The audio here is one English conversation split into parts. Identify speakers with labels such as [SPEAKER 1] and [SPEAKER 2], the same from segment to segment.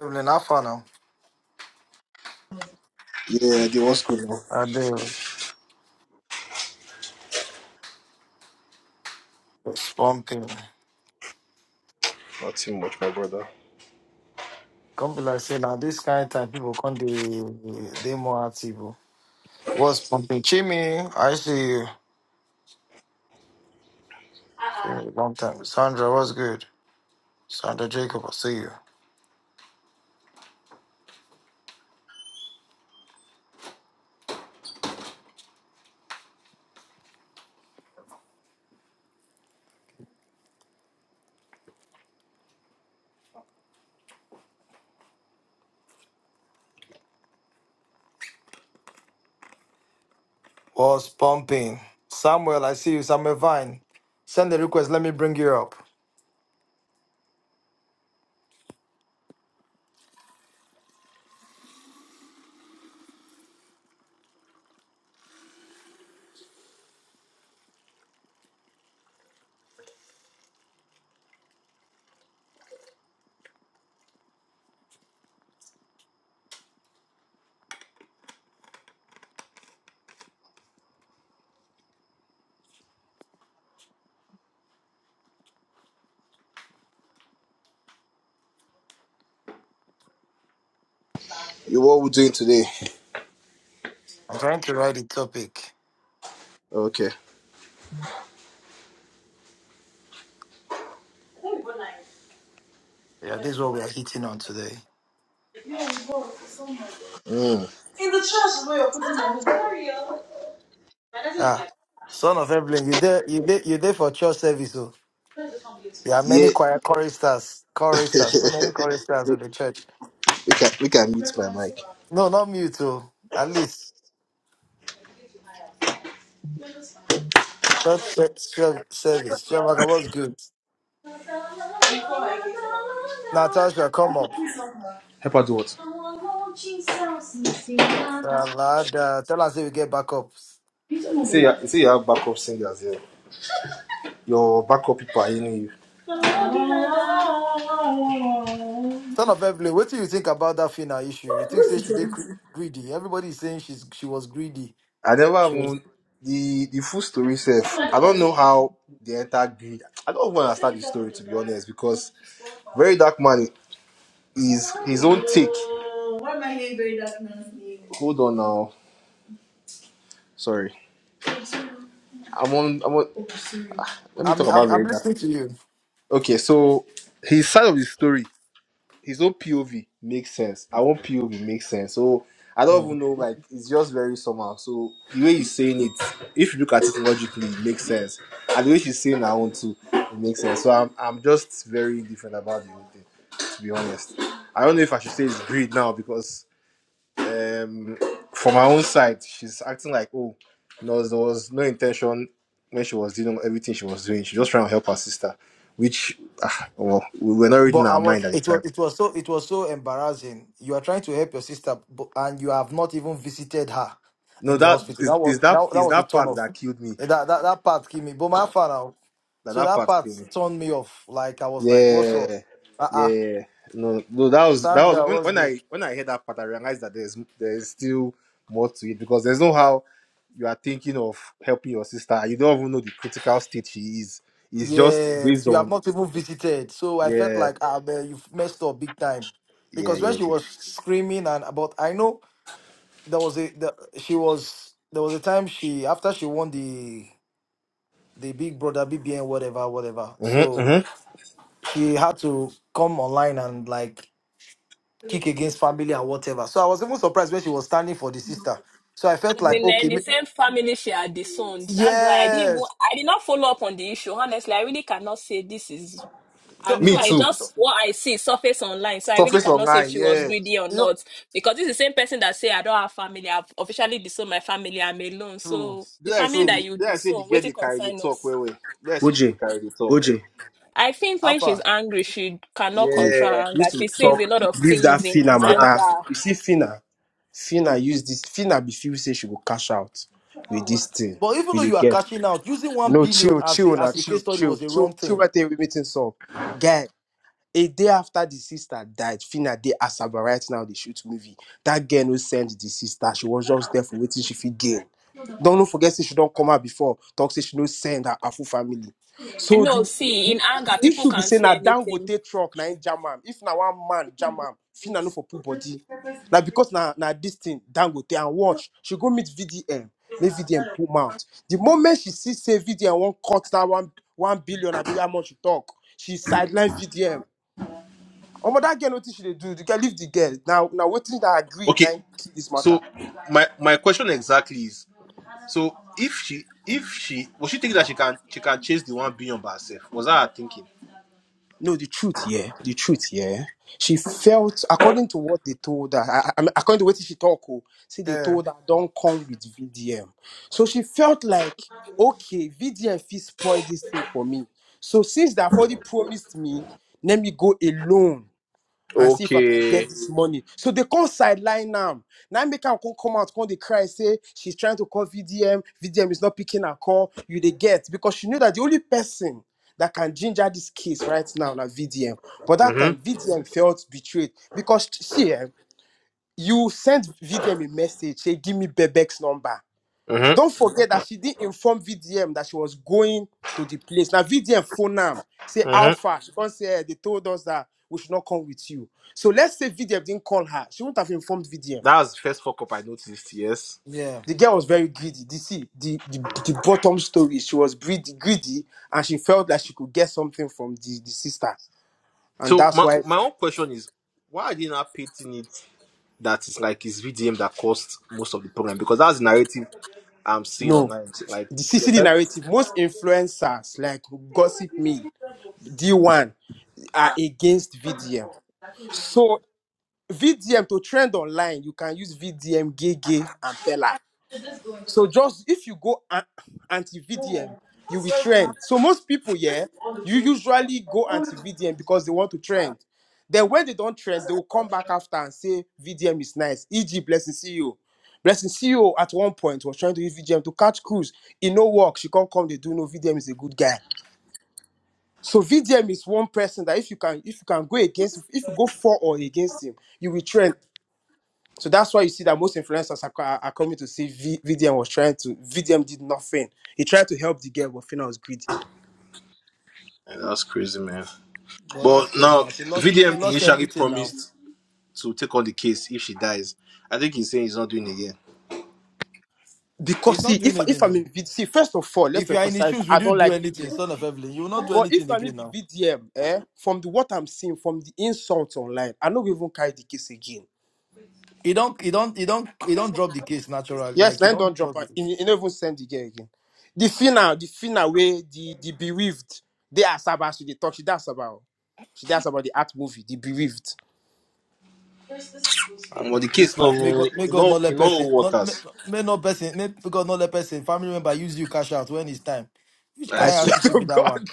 [SPEAKER 1] Evelyn, how far now?
[SPEAKER 2] Yeah, dude, what's good now?
[SPEAKER 1] I do. Spump Pumping.
[SPEAKER 2] Not too much, my brother.
[SPEAKER 1] Come be like, say, now this kind of time, people come, they, they more active. oh. What's pumping? Chimmy, I see you. See you long time. Sandra, what's good? Sandra Jacob, I see you. What's pumping? Samuel, I see you. Samuel Vine. Send the request. Let me bring you up.
[SPEAKER 2] You what we doing today?
[SPEAKER 1] I'm trying to write the topic.
[SPEAKER 2] Okay.
[SPEAKER 1] Yeah, this is what we are hitting on today.
[SPEAKER 2] Mm. In the trash is where you're putting your money.
[SPEAKER 1] Ah, son of Evelyn, you there? You there? You there for church service? oh. There are many
[SPEAKER 2] Yeah,
[SPEAKER 1] choir choristers, choristers, so many choristers in
[SPEAKER 2] we
[SPEAKER 1] the church.
[SPEAKER 2] we can we can mute my mic.
[SPEAKER 1] No, not me too. At least church se- se- service. Shamaka was good. Now, Tasha, come up.
[SPEAKER 2] Help her do what?
[SPEAKER 1] Uh, lad, uh, tell us if we get back up.
[SPEAKER 2] You say you, you say you have backup singers here. Your backup people are in you.
[SPEAKER 1] Son of Evelyn, what do you think about that final issue? You think say she did gre- greedy? Everybody is saying she's she was greedy.
[SPEAKER 2] I never
[SPEAKER 1] She was.
[SPEAKER 2] even the the full story self. I don't know how they enter greed. I don't even understand the story to be honest, because very dark man is his own take. Why am I hearing very dark man's name? Hold on now. Sorry. I'm on I'm on ah, let me
[SPEAKER 1] I'm
[SPEAKER 2] talk about
[SPEAKER 1] I'm, I'm
[SPEAKER 2] very dark.
[SPEAKER 1] listening to you.
[SPEAKER 2] Okay, so his side of the story. his own POV makes sense. Our own POV makes sense. So I
[SPEAKER 1] Hmm.
[SPEAKER 2] don't even know, like it's just very somehow. So the way he's saying it, if you look at it logically, it makes sense. And the way she's saying her own too, it makes sense. So I'm I'm just very different about the whole thing, to be honest. I don't know if I should say it's greed now because um from my own side, she's acting like oh no, there was no intention when she was doing everything she was doing. She was just trying to help her sister, which ah, well, we were not
[SPEAKER 1] But
[SPEAKER 2] reading
[SPEAKER 1] I
[SPEAKER 2] our
[SPEAKER 1] was
[SPEAKER 2] mind at the
[SPEAKER 1] it was
[SPEAKER 2] time
[SPEAKER 1] it was so it was so embarrassing. You are trying to help your sister, but, and you have not even visited her
[SPEAKER 2] No,
[SPEAKER 1] in the
[SPEAKER 2] that
[SPEAKER 1] hospital.
[SPEAKER 2] is,
[SPEAKER 1] That
[SPEAKER 2] is
[SPEAKER 1] was
[SPEAKER 2] that
[SPEAKER 1] that, that
[SPEAKER 2] is
[SPEAKER 1] was a
[SPEAKER 2] that
[SPEAKER 1] turn
[SPEAKER 2] part
[SPEAKER 1] off.
[SPEAKER 2] that killed me.
[SPEAKER 1] That, that that part gave me. But my father, oh,
[SPEAKER 2] That
[SPEAKER 1] so
[SPEAKER 2] that
[SPEAKER 1] that
[SPEAKER 2] part
[SPEAKER 1] part
[SPEAKER 2] killed me.
[SPEAKER 1] turned me off. Like I was like, what's up?
[SPEAKER 2] Yeah,
[SPEAKER 1] Uh
[SPEAKER 2] yeah.
[SPEAKER 1] uh
[SPEAKER 2] yeah. No, no. That was that was
[SPEAKER 1] Sandra,
[SPEAKER 2] when,
[SPEAKER 1] what's
[SPEAKER 2] when
[SPEAKER 1] good?
[SPEAKER 2] I when I heard that part, I realized that there's there's still more to it because there's no how you are thinking of helping your sister. You don't even know the critical state she is. It's just
[SPEAKER 1] Yes,
[SPEAKER 2] based
[SPEAKER 1] you have
[SPEAKER 2] on
[SPEAKER 1] not even visited. So I felt
[SPEAKER 2] yeah,
[SPEAKER 1] like ah man, you've messed up big time,
[SPEAKER 2] yeah,
[SPEAKER 1] because when
[SPEAKER 2] yeah.
[SPEAKER 1] she was screaming and but I know there was a the, she was there was a time she after she won the the big brother BBN whatever whatever.
[SPEAKER 2] yeah. hmm
[SPEAKER 1] So
[SPEAKER 2] hmm
[SPEAKER 1] she had to come online and like kick against family and whatever. So I was even surprised when she was standing for the sister. So I felt
[SPEAKER 3] As
[SPEAKER 1] like
[SPEAKER 3] in, eh,
[SPEAKER 1] okay,
[SPEAKER 3] the
[SPEAKER 1] ma-
[SPEAKER 3] same family she had disowned. That's why I didn't even,
[SPEAKER 1] yes.
[SPEAKER 3] I did not follow up on the issue. Honestly, I really cannot say this is. I
[SPEAKER 1] So
[SPEAKER 3] mean,
[SPEAKER 2] Me
[SPEAKER 1] so
[SPEAKER 3] I
[SPEAKER 1] so
[SPEAKER 2] too.
[SPEAKER 1] so
[SPEAKER 3] just what I see surface online, so I really
[SPEAKER 2] Surface
[SPEAKER 3] cannot say if
[SPEAKER 2] online,
[SPEAKER 3] she was
[SPEAKER 2] yeah.
[SPEAKER 3] greedy or
[SPEAKER 1] you know,
[SPEAKER 3] not because this is the same person that say I don't have family. I've officially disowned my family. I'm alone.
[SPEAKER 1] true,
[SPEAKER 3] So the
[SPEAKER 2] Did I
[SPEAKER 3] family
[SPEAKER 2] say
[SPEAKER 3] that
[SPEAKER 1] true.
[SPEAKER 2] the
[SPEAKER 3] you
[SPEAKER 2] did I say the
[SPEAKER 3] disown,
[SPEAKER 2] girl
[SPEAKER 3] wait to
[SPEAKER 2] they carry the
[SPEAKER 3] concern
[SPEAKER 2] talk?
[SPEAKER 3] us.
[SPEAKER 2] Wait, wait. Did I say she they
[SPEAKER 4] OJ,
[SPEAKER 2] carry the talk?
[SPEAKER 4] OJ,
[SPEAKER 3] I think when she's
[SPEAKER 1] Alpha.
[SPEAKER 3] angry, she cannot control
[SPEAKER 2] Yeah,
[SPEAKER 3] her
[SPEAKER 2] she
[SPEAKER 3] anger.
[SPEAKER 2] used
[SPEAKER 3] She
[SPEAKER 2] to
[SPEAKER 3] says a lot of
[SPEAKER 4] leave that
[SPEAKER 3] things in
[SPEAKER 4] Fina
[SPEAKER 2] talk.
[SPEAKER 3] anger.
[SPEAKER 4] matter. You see, Fina, Fina use this. Fina be feel say she go cash out with this thing.
[SPEAKER 1] But even
[SPEAKER 4] You
[SPEAKER 1] though
[SPEAKER 4] dey
[SPEAKER 1] you are
[SPEAKER 4] get?
[SPEAKER 1] cashing out, using one
[SPEAKER 4] No,
[SPEAKER 1] billion
[SPEAKER 4] chill,
[SPEAKER 1] as
[SPEAKER 4] chill,
[SPEAKER 1] a
[SPEAKER 4] now
[SPEAKER 1] as a case
[SPEAKER 4] chill,
[SPEAKER 1] study was
[SPEAKER 4] chill,
[SPEAKER 1] a
[SPEAKER 4] chill,
[SPEAKER 1] wrong
[SPEAKER 4] chill.
[SPEAKER 1] thing.
[SPEAKER 4] Right there, we meeting up. guy. A day after the sister died, Fina they Asaba right now they shoot movie. That girl who sent the sister, she was just there for waiting she fit gain. Don't no forget say she don't come out before. Talk say she no send her, her full family.
[SPEAKER 3] No,
[SPEAKER 4] So the,
[SPEAKER 3] see,
[SPEAKER 4] the
[SPEAKER 3] in anger,
[SPEAKER 4] the
[SPEAKER 3] people
[SPEAKER 4] issue be
[SPEAKER 3] can
[SPEAKER 4] saying
[SPEAKER 3] say
[SPEAKER 4] now dangote go
[SPEAKER 3] anything.
[SPEAKER 4] take truck now in If na one man German, Fina no for poor body. Now because na na this thing dangote and watch. She go meet VDM, make VDM pull mouth. The moment she see say VDM won't cut that one one billion, I be how much you talk. She sideline VDM. Omo, that girl notice she dey do. The girl leave the girl. Now, now wetin that agreed now
[SPEAKER 2] Okay,
[SPEAKER 4] kill this matter.
[SPEAKER 2] so my my question exactly is so if she if she was she thinking that she can she can chase the one billion by herself? Was that her thinking?
[SPEAKER 4] No, the truth, yeah, the truth, yeah. She felt according to what they told her. I, I I mean, according to what she talk, oh, see, they
[SPEAKER 1] Yeah.
[SPEAKER 4] told her don't come with VDM. So she felt like okay, VDM fit spoil this thing for me. So since they have already promised me, let me go alone and see if I can get
[SPEAKER 2] Okay.
[SPEAKER 4] this Mhm. money. So they can sideline now. Now make her come come out, come the cry, say she's trying to call VDM, VDM is not picking her call. You they get because she knew that the only person that can ginger this case right now na VDM. But that time
[SPEAKER 2] Mm-hmm.
[SPEAKER 4] VDM Mhm. felt betrayed because see, eh, you sent VDM a message, say give me Bebek's number. Don't
[SPEAKER 2] Mm-hmm.
[SPEAKER 4] forget that she didn't inform VDM that she was going to the place. Now VDM phone am say how
[SPEAKER 2] Mm-hmm.
[SPEAKER 4] far she can't say "Eh, they told us that we should not come with you. So let's say VDM didn't call her. She wouldn't have informed VDM.
[SPEAKER 2] That was the first fuck up I noticed, yes.
[SPEAKER 1] Yeah.
[SPEAKER 4] The girl was very greedy. You see, the, the, the bottom story, she was greedy, greedy and she felt that she could get something from the, the sister. And
[SPEAKER 2] So
[SPEAKER 4] that's
[SPEAKER 2] my
[SPEAKER 4] why,
[SPEAKER 2] my own question is why are they not painting it that it's like it's VDM that caused most of the problem? Because that's the narrative I'm seeing
[SPEAKER 4] no,
[SPEAKER 2] online. Like
[SPEAKER 4] the
[SPEAKER 2] they're
[SPEAKER 4] CCD
[SPEAKER 2] trying to
[SPEAKER 4] narrative, most influencers like Gossip Me, D1 are against VDM. So. VDM to trend online, you can use VDM, Gege, and Pella. So just if you go a- anti-VDM, you will trend. So most people, yeah, you usually go anti-VDM because they want to trend. Then when they don't trend, they will come back after and say VDM is nice. E.g., blessing CEO. Blessing CEO at one point was trying to use VDM to catch crews. It no work. She can't come, they do no VDM is a good guy. So VDM is one person that if you can if you can go against if you go for or against him, you will trend so that's why you see that most influencers are, are are coming to see v, VDM was trying to VDM did nothing. He tried to help the girl, but Fina was greedy.
[SPEAKER 2] Yeah, that's crazy, man.
[SPEAKER 1] But that's
[SPEAKER 2] But
[SPEAKER 1] crazy
[SPEAKER 2] now,
[SPEAKER 1] now. She lost she
[SPEAKER 2] VDM
[SPEAKER 1] lost
[SPEAKER 2] initially
[SPEAKER 1] everything now.
[SPEAKER 2] promised to take on the case if she dies. I think he's saying he's not doing it again.
[SPEAKER 1] He's
[SPEAKER 4] Because
[SPEAKER 1] not
[SPEAKER 4] see,
[SPEAKER 1] doing
[SPEAKER 4] if if I'm
[SPEAKER 1] anything.
[SPEAKER 4] in VDM, see, first of all, let's
[SPEAKER 1] If you are in his
[SPEAKER 4] emphasize
[SPEAKER 1] shoes,
[SPEAKER 4] I
[SPEAKER 1] will you
[SPEAKER 4] don't
[SPEAKER 1] do
[SPEAKER 4] like VDM.
[SPEAKER 1] anything, son of Evelyn? You will not do
[SPEAKER 4] But if
[SPEAKER 1] anything
[SPEAKER 4] I may
[SPEAKER 1] again
[SPEAKER 4] be
[SPEAKER 1] now.
[SPEAKER 4] VDM, eh, from the what I'm seeing, from the insults online, I don't even carry the case again.
[SPEAKER 1] He don't, he don't, he don't, he don't drop the case natural.
[SPEAKER 4] Yes,
[SPEAKER 1] Like he
[SPEAKER 4] then don't
[SPEAKER 1] don't
[SPEAKER 4] drop
[SPEAKER 1] drop
[SPEAKER 4] her.
[SPEAKER 1] it.
[SPEAKER 4] You you don't even send the girl again. The Fina, the Fina way, the the bereaved, they are Sabah, so they talk. She that's about. She that's about the art movie, the bereaved.
[SPEAKER 1] I
[SPEAKER 2] But the
[SPEAKER 1] beg this
[SPEAKER 2] case not
[SPEAKER 1] life. May God,
[SPEAKER 2] even
[SPEAKER 1] may God
[SPEAKER 2] no
[SPEAKER 1] not let
[SPEAKER 2] in
[SPEAKER 1] person,
[SPEAKER 2] all
[SPEAKER 1] not may,
[SPEAKER 2] waters.
[SPEAKER 1] may not person, may God not let person family member use you cash out when it's time. Which
[SPEAKER 2] I
[SPEAKER 4] I
[SPEAKER 1] kind of
[SPEAKER 2] swear.
[SPEAKER 4] swear
[SPEAKER 1] attitude
[SPEAKER 4] to
[SPEAKER 1] be that
[SPEAKER 4] God.
[SPEAKER 1] one?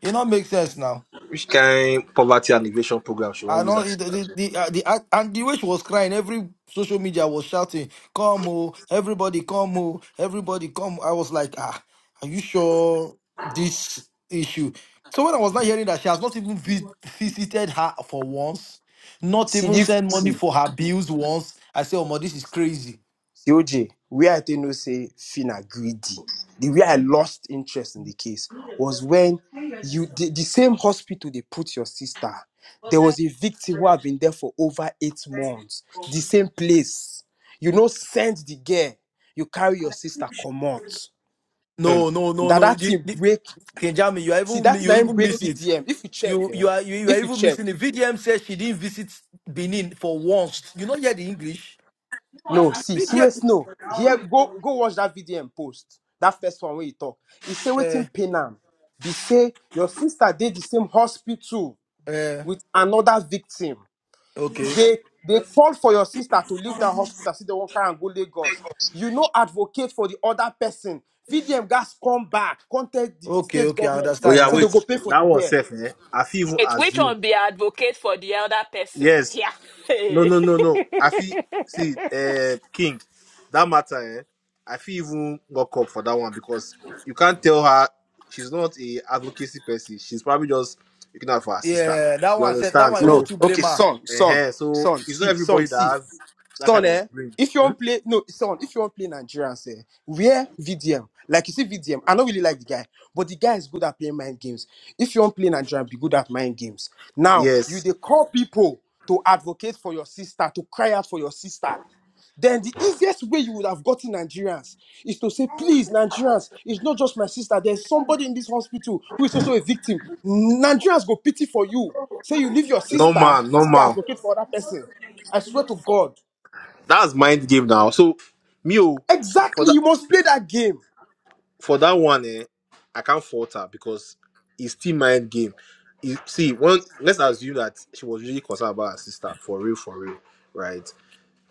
[SPEAKER 1] It not make sense now.
[SPEAKER 2] Which kind poverty and evasion program she
[SPEAKER 1] I
[SPEAKER 2] won't use
[SPEAKER 1] know
[SPEAKER 2] as
[SPEAKER 1] it,
[SPEAKER 2] as
[SPEAKER 1] the the uh, the act- and the way she was crying, every social media was shouting, "Come oh, everybody come oh, everybody come." I was like, "Ah, are you sure this issue?" So when I was not hearing that she has not even vi- visited her for once, not
[SPEAKER 4] See,
[SPEAKER 1] even
[SPEAKER 4] the,
[SPEAKER 1] sent money
[SPEAKER 4] see.
[SPEAKER 1] for her bills once, I said, "Oh, my, this is crazy."
[SPEAKER 4] See, OJ, where I think no say Fina greedy, the way I lost interest in the case
[SPEAKER 2] well?
[SPEAKER 4] was when you the, the same hospital they put your sister. There was a victim who had been there for over eight months. The same place. You know, send the girl. You carry your sister, come out.
[SPEAKER 2] Hmm.
[SPEAKER 1] No, no, no,
[SPEAKER 4] That
[SPEAKER 1] no.
[SPEAKER 4] that
[SPEAKER 1] The,
[SPEAKER 4] thing
[SPEAKER 1] the,
[SPEAKER 4] break.
[SPEAKER 1] Kenjami, you are
[SPEAKER 4] See,
[SPEAKER 1] even
[SPEAKER 4] that's
[SPEAKER 1] you
[SPEAKER 4] nine
[SPEAKER 1] even
[SPEAKER 4] break
[SPEAKER 1] miss it.
[SPEAKER 4] VDM. If you check,
[SPEAKER 1] You
[SPEAKER 4] eh?
[SPEAKER 1] you are you, you are
[SPEAKER 4] If you
[SPEAKER 1] even
[SPEAKER 4] check.
[SPEAKER 1] missing it. VDM says she didn't visit Benin for once. You not hear the English.
[SPEAKER 4] No, see,
[SPEAKER 1] VTF.
[SPEAKER 4] serious no. Here, go go watch that video and post. That first one where you talk. He say
[SPEAKER 1] Uh,
[SPEAKER 4] waiting pain am. Be say your sister did the same hospital
[SPEAKER 1] uh,
[SPEAKER 4] with another victim.
[SPEAKER 1] okay.
[SPEAKER 4] They they call for your sister to leave that hospital, see the worker and go Lagos. You no advocate for the other person. VDM gas come back, contact the
[SPEAKER 1] Okay,
[SPEAKER 4] state
[SPEAKER 1] okay, I
[SPEAKER 4] government.
[SPEAKER 2] Oh
[SPEAKER 1] understand
[SPEAKER 2] yeah,
[SPEAKER 4] Say
[SPEAKER 1] now.
[SPEAKER 4] they
[SPEAKER 2] wait.
[SPEAKER 4] go pay for
[SPEAKER 2] That
[SPEAKER 4] the
[SPEAKER 2] one
[SPEAKER 4] care.
[SPEAKER 2] safe, eh? I feel even
[SPEAKER 3] It which
[SPEAKER 2] assume.
[SPEAKER 3] one be advocate for the elder person?
[SPEAKER 2] Yes,
[SPEAKER 3] Yeah.
[SPEAKER 2] No, no, no, no. I feel see, uh, King, that matter. Eh, I feel even walk up for that one because you can't tell her she's not a advocacy person. She's probably just looking out for her sister.
[SPEAKER 1] Yeah, that
[SPEAKER 2] You
[SPEAKER 1] one said that
[SPEAKER 2] understand?
[SPEAKER 1] one you know
[SPEAKER 4] No.
[SPEAKER 2] So,
[SPEAKER 1] to blame
[SPEAKER 4] Okay,
[SPEAKER 1] her
[SPEAKER 4] son, son,
[SPEAKER 2] uh, so
[SPEAKER 4] son,
[SPEAKER 2] it's not
[SPEAKER 4] see, son,
[SPEAKER 2] everybody that
[SPEAKER 4] see.
[SPEAKER 2] has that
[SPEAKER 4] son,
[SPEAKER 2] kind
[SPEAKER 4] eh,
[SPEAKER 2] of brain.
[SPEAKER 4] if you
[SPEAKER 2] Hmm?
[SPEAKER 4] want play, no, son, if you want play Nigerians, eh, wear VDM. Like you see VDM, I don't really like the guy, but the guy is good at playing mind games. If you want play Nigerian, be good at mind games. Now, you
[SPEAKER 2] Yes,
[SPEAKER 4] they call people to advocate for your sister, to cry out for your sister. Then the easiest way you would have gotten Nigerians is to say, please, Nigerians, it's not just my sister. There's somebody in this hospital who is also a victim. Nigerians go pity for you. Say you leave your sister,
[SPEAKER 2] normal,
[SPEAKER 4] see they
[SPEAKER 2] normal.
[SPEAKER 4] advocate for other person. I swear to God.
[SPEAKER 2] That's mind game now. So, me, oh, for
[SPEAKER 4] Exactly,
[SPEAKER 2] that.
[SPEAKER 4] you must play that game.
[SPEAKER 2] for that one, eh, I can't fault her because it's still mind game. You see, when let's assume that she was really concerned about her sister for real, for real, right?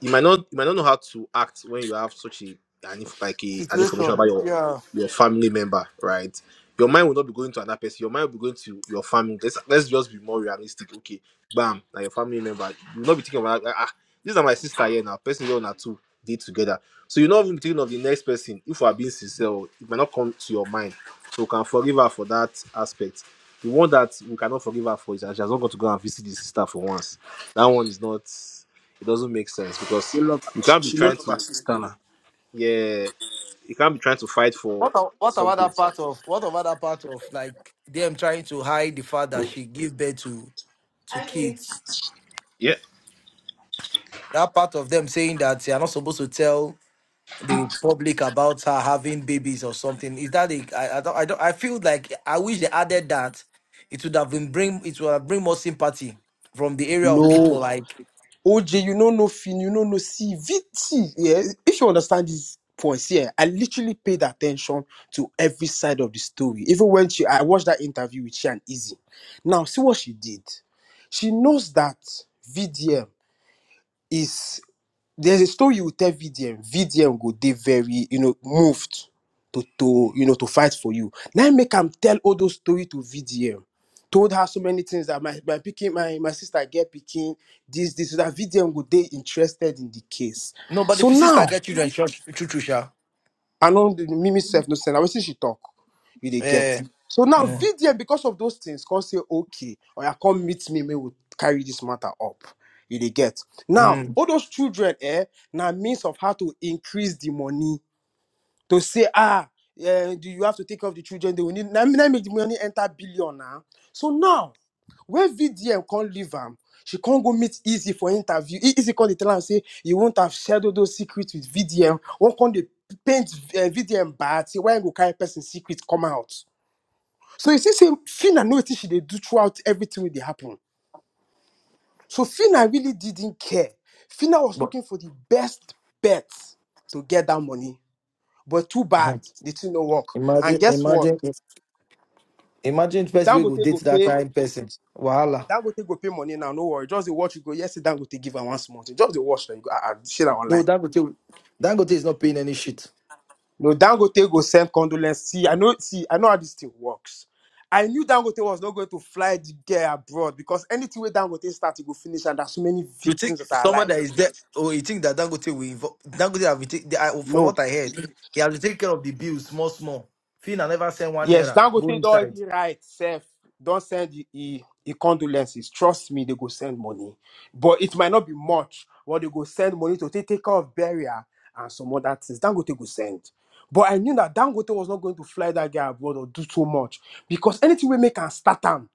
[SPEAKER 2] you might not you might not know how to act when you have such a an inf- like a, an information
[SPEAKER 1] situation.
[SPEAKER 2] about your
[SPEAKER 1] Yeah.
[SPEAKER 2] your family member, right? Your mind will not be going to another person. Your mind will be going to your family. Let's let's just be more realistic. Okay, bam, like your family member. You will not be thinking about ah, ah, these are my sister here now. Person here now two did together. So you are not even thinking of the next person. If we are being sincere, oh, it might not come to your mind. So we can forgive her for that aspect. The one that we cannot forgive her for is that she has not got to go and visit the sister for once. That one is not. It doesn't make sense because
[SPEAKER 4] You lo-
[SPEAKER 2] you can't be trying to yeah, you can't be trying to fight
[SPEAKER 1] What
[SPEAKER 2] for
[SPEAKER 1] a, what about
[SPEAKER 2] something.
[SPEAKER 1] that part of what about that part of like them trying to hide the fact that she give birth to to kids?
[SPEAKER 2] Yeah.
[SPEAKER 1] That part of them saying that they are not supposed to tell the public about her having babies or something. Is that a, I, I don't I don't I feel like I wish they added that. It would have been bring it would have bring more sympathy from the area of people.
[SPEAKER 4] No.
[SPEAKER 1] Like
[SPEAKER 4] OJ, you know no fin, you no know no CVT. Yeah, if you understand these points, yeah, I literally paid attention to every side of the story. Even when she I watched that interview with she and Izzy. Now, see what she did. She knows that VDM is there's a story you will tell VDM. VDM go they very, you know, moved to to you know to fight for you. Now make him tell all those story to VDM. Told her so many things that my my picking my, my sister get picking this this so that VDM go they interested in the case.
[SPEAKER 1] No, but
[SPEAKER 4] So
[SPEAKER 1] if sister
[SPEAKER 4] now
[SPEAKER 1] get children, church, church, sha.
[SPEAKER 4] I know the Mimi self no send. I will see she talk. You dey get.
[SPEAKER 1] Eh,
[SPEAKER 4] So now
[SPEAKER 1] Mm.
[SPEAKER 4] VDM because of those things come say okay or you come meet me, me will carry this matter up. You dey get. Now
[SPEAKER 1] mm,
[SPEAKER 4] all those children eh now means of how to increase the money to say ah eh, do you have to take care of the children they will need. Now me make the money enter billion now. So now when VDM can't leave am, she can't go meet Easy for interview. E- Easy can't dey tell am say you won't have shared all those secrets with VDM. One can't dey paint uh, VDM bad. Say why you go carry person secret come out. So you see, say Fina know wetin she dey do throughout everything wey dey happen. So Fina really didn't care. Fina was
[SPEAKER 1] but
[SPEAKER 4] looking for the best bet to get that money, but too bad the thing no work. And
[SPEAKER 1] Imagine,
[SPEAKER 4] guess what?
[SPEAKER 1] imagine, if- imagine person we go
[SPEAKER 4] Dangote
[SPEAKER 1] date
[SPEAKER 4] go
[SPEAKER 1] that
[SPEAKER 4] pay
[SPEAKER 1] kind person. Wahala.
[SPEAKER 4] That go take go pay money now, no worry. Just the watch you go. Yes, that go take give her one small thing. Just the watch that you go. I, I share that
[SPEAKER 1] No,
[SPEAKER 4] online.
[SPEAKER 1] Dangote, Dangote is not paying any shit.
[SPEAKER 4] No, Dangote go send condolence. See, I know. See, I know how this thing works. I knew Dangote was not going to fly the girl abroad because anything where Dangote start, he go finish, and there's so many
[SPEAKER 1] you think
[SPEAKER 4] victims that are
[SPEAKER 1] somebody
[SPEAKER 4] alive.
[SPEAKER 1] that is there, or you think that Dangote will involve, Dangote have to take, they, are- from
[SPEAKER 4] No.
[SPEAKER 1] what I heard, he have to take care of the bills small, small. Fina never send one
[SPEAKER 4] Yes,
[SPEAKER 1] naira. Go
[SPEAKER 4] Dangote don
[SPEAKER 1] inside.
[SPEAKER 4] already write sef don send e e e condolences. Trust me, they go send money. But it might not be much, but they go send money to take, take care of burial and some other things. Dangote go send. But I knew that Dangote was not going to fly that guy abroad or do too much because anything we make can start am.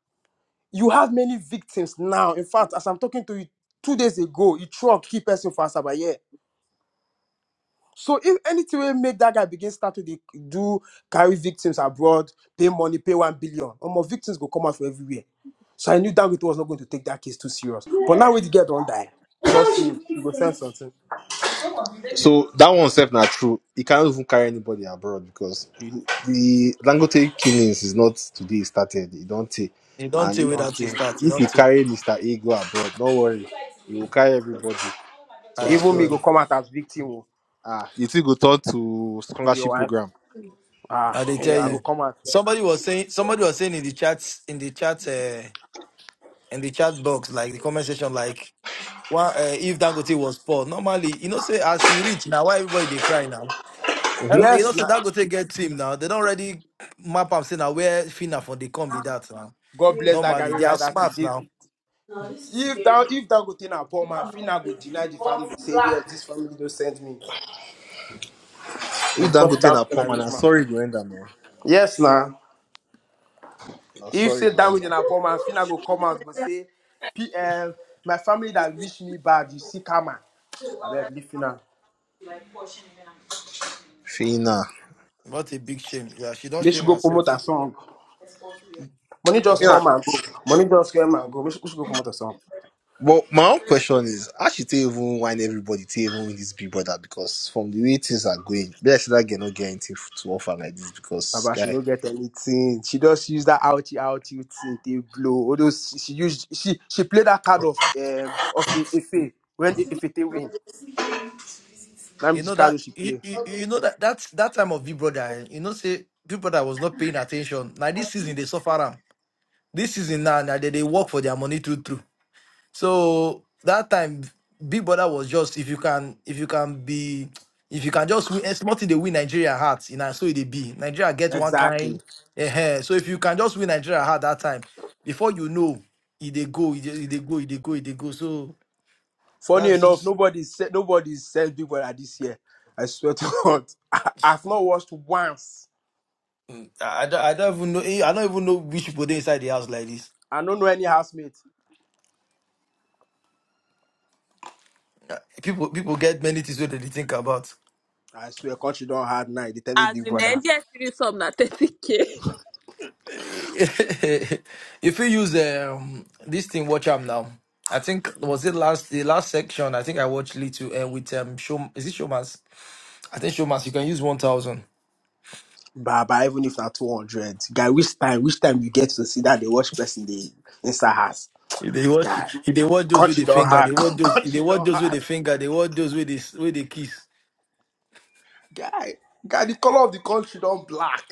[SPEAKER 4] You have many victims now. In fact, as I'm talking to you two days ago, he truck key person for Asaba here. So if anything will make that guy begin start to dey do carry victims abroad, pay money, pay one billion, or more victims go come out from everywhere. So I knew Dangote was not going to take that case too serious. But now when the girl don't die, trust me, you go send something.
[SPEAKER 2] So that one self not true. He can't even carry anybody abroad because
[SPEAKER 4] You
[SPEAKER 2] the Dangote killings is not today it started. It don't take.
[SPEAKER 1] You don't
[SPEAKER 2] And
[SPEAKER 1] tell
[SPEAKER 2] if
[SPEAKER 1] where
[SPEAKER 4] don't
[SPEAKER 1] that is
[SPEAKER 4] care.
[SPEAKER 1] start. You
[SPEAKER 2] if you
[SPEAKER 1] don't tell.
[SPEAKER 2] carry Mr. A go abroad, don't worry, he will carry everybody to
[SPEAKER 1] I
[SPEAKER 4] Even me
[SPEAKER 2] abroad.
[SPEAKER 1] swear.
[SPEAKER 4] go come out as victim oh,
[SPEAKER 2] Ah, you think go turn to
[SPEAKER 4] with your
[SPEAKER 2] scholarship
[SPEAKER 4] wife.
[SPEAKER 2] program.
[SPEAKER 4] Ah,
[SPEAKER 1] I they tell
[SPEAKER 4] yeah, I go
[SPEAKER 1] you.
[SPEAKER 4] come out. sef.
[SPEAKER 1] Somebody was saying, somebody was saying in the chat, in the chat. eh, in the chat box, like the comment section, like well, uh, if Dangote was poor, normally you know say as he reach now, why everybody they cry now? Eh,
[SPEAKER 2] Mm-hmm.
[SPEAKER 1] You know
[SPEAKER 4] Yes,
[SPEAKER 1] say
[SPEAKER 4] na
[SPEAKER 1] Dangote get team now. They don't already map am say now where Fina for the come be that now.
[SPEAKER 4] God bless that guy.
[SPEAKER 1] Normally
[SPEAKER 4] We
[SPEAKER 1] they are
[SPEAKER 4] write that is
[SPEAKER 1] smart now.
[SPEAKER 4] David. If that if Dangote na poor man, Fina go deny the family. Say yes, this family don't send me. And
[SPEAKER 2] If
[SPEAKER 4] because
[SPEAKER 2] Dangote
[SPEAKER 4] Dangote
[SPEAKER 2] na
[SPEAKER 4] na
[SPEAKER 2] poor man,
[SPEAKER 4] rich
[SPEAKER 2] na
[SPEAKER 4] man.
[SPEAKER 2] sorry go end am now.
[SPEAKER 4] Yes, now.
[SPEAKER 2] Na
[SPEAKER 4] If
[SPEAKER 2] sorry
[SPEAKER 4] say
[SPEAKER 2] go
[SPEAKER 4] that way,
[SPEAKER 2] end
[SPEAKER 4] then
[SPEAKER 2] am.
[SPEAKER 4] I fall, my thing I go come out, but say, "P.L. my family that wish me bad, you see, karma. I beg, leave you now.
[SPEAKER 2] Fina.
[SPEAKER 1] What a big shame. Yeah, she don't
[SPEAKER 4] Make should
[SPEAKER 1] shame
[SPEAKER 4] go
[SPEAKER 1] herself.
[SPEAKER 4] promote a song. Money
[SPEAKER 1] She
[SPEAKER 4] just
[SPEAKER 1] don't.
[SPEAKER 2] Fina.
[SPEAKER 4] come
[SPEAKER 1] sh-
[SPEAKER 4] and go. Money just come and go. Make should, go promote a song.
[SPEAKER 2] But my own question is, how she take even whine everybody take even win this big brother? Because from the way things are going, be like say that girl no get anything to offer like this
[SPEAKER 4] My
[SPEAKER 2] because
[SPEAKER 4] bad, she
[SPEAKER 2] guy.
[SPEAKER 4] no get anything. She just use that outy outy thing. They blow. All she, she used. She she play that card of um of Ife when Ife they win. That
[SPEAKER 1] You
[SPEAKER 4] means the
[SPEAKER 1] know
[SPEAKER 4] card
[SPEAKER 1] that
[SPEAKER 4] she
[SPEAKER 1] you,
[SPEAKER 4] play.
[SPEAKER 1] you, you know that that that time of Big Brother, eh, you know say Big Brother was not paying attention. Now this season they suffer am. This season now, now they, they work for their money through through. So that time, Big Brother was just if you can if you can be if you can just win a small thing they win Nigeria hearts in and so it dey be. Nigeria get one
[SPEAKER 4] Exactly.
[SPEAKER 1] kind. eh. So if you can just win Nigeria heart that time, before you know, it they go, it dey it dey go, it they go, it they go. So
[SPEAKER 4] Funny
[SPEAKER 1] that's
[SPEAKER 4] enough,
[SPEAKER 1] just,
[SPEAKER 4] nobody said nobody said Big Brother this year. I swear to God, I, have not watched once.
[SPEAKER 1] Mm, I, I don't I don't even know eh, I don't even know which people they inside the house like this.
[SPEAKER 4] I don't know any housemate.
[SPEAKER 1] Eh, People people get many things where they dey think about.
[SPEAKER 4] I swear, country don't hard night. They tell me
[SPEAKER 3] As
[SPEAKER 4] Big
[SPEAKER 3] in
[SPEAKER 4] Brother,
[SPEAKER 3] the NDS some na 30k.
[SPEAKER 1] if you use um, this thing, watch up now. I think was it last the last section. I think I watched little uh, with um show is it showmas? I think showmas you can use one thousand.
[SPEAKER 4] but, but even if not two hundred, guy, which time, which time you get to see that the watch person they inside house,
[SPEAKER 1] If they watch,
[SPEAKER 4] guy,
[SPEAKER 1] if they watch those with the
[SPEAKER 4] country don't
[SPEAKER 1] finger,
[SPEAKER 4] hard,
[SPEAKER 1] they watch those. If they
[SPEAKER 4] country
[SPEAKER 1] watch
[SPEAKER 4] don't
[SPEAKER 1] those with
[SPEAKER 4] hard,
[SPEAKER 1] the finger, they watch those with the with the kiss.
[SPEAKER 4] guy, guy, the color of the country don't black.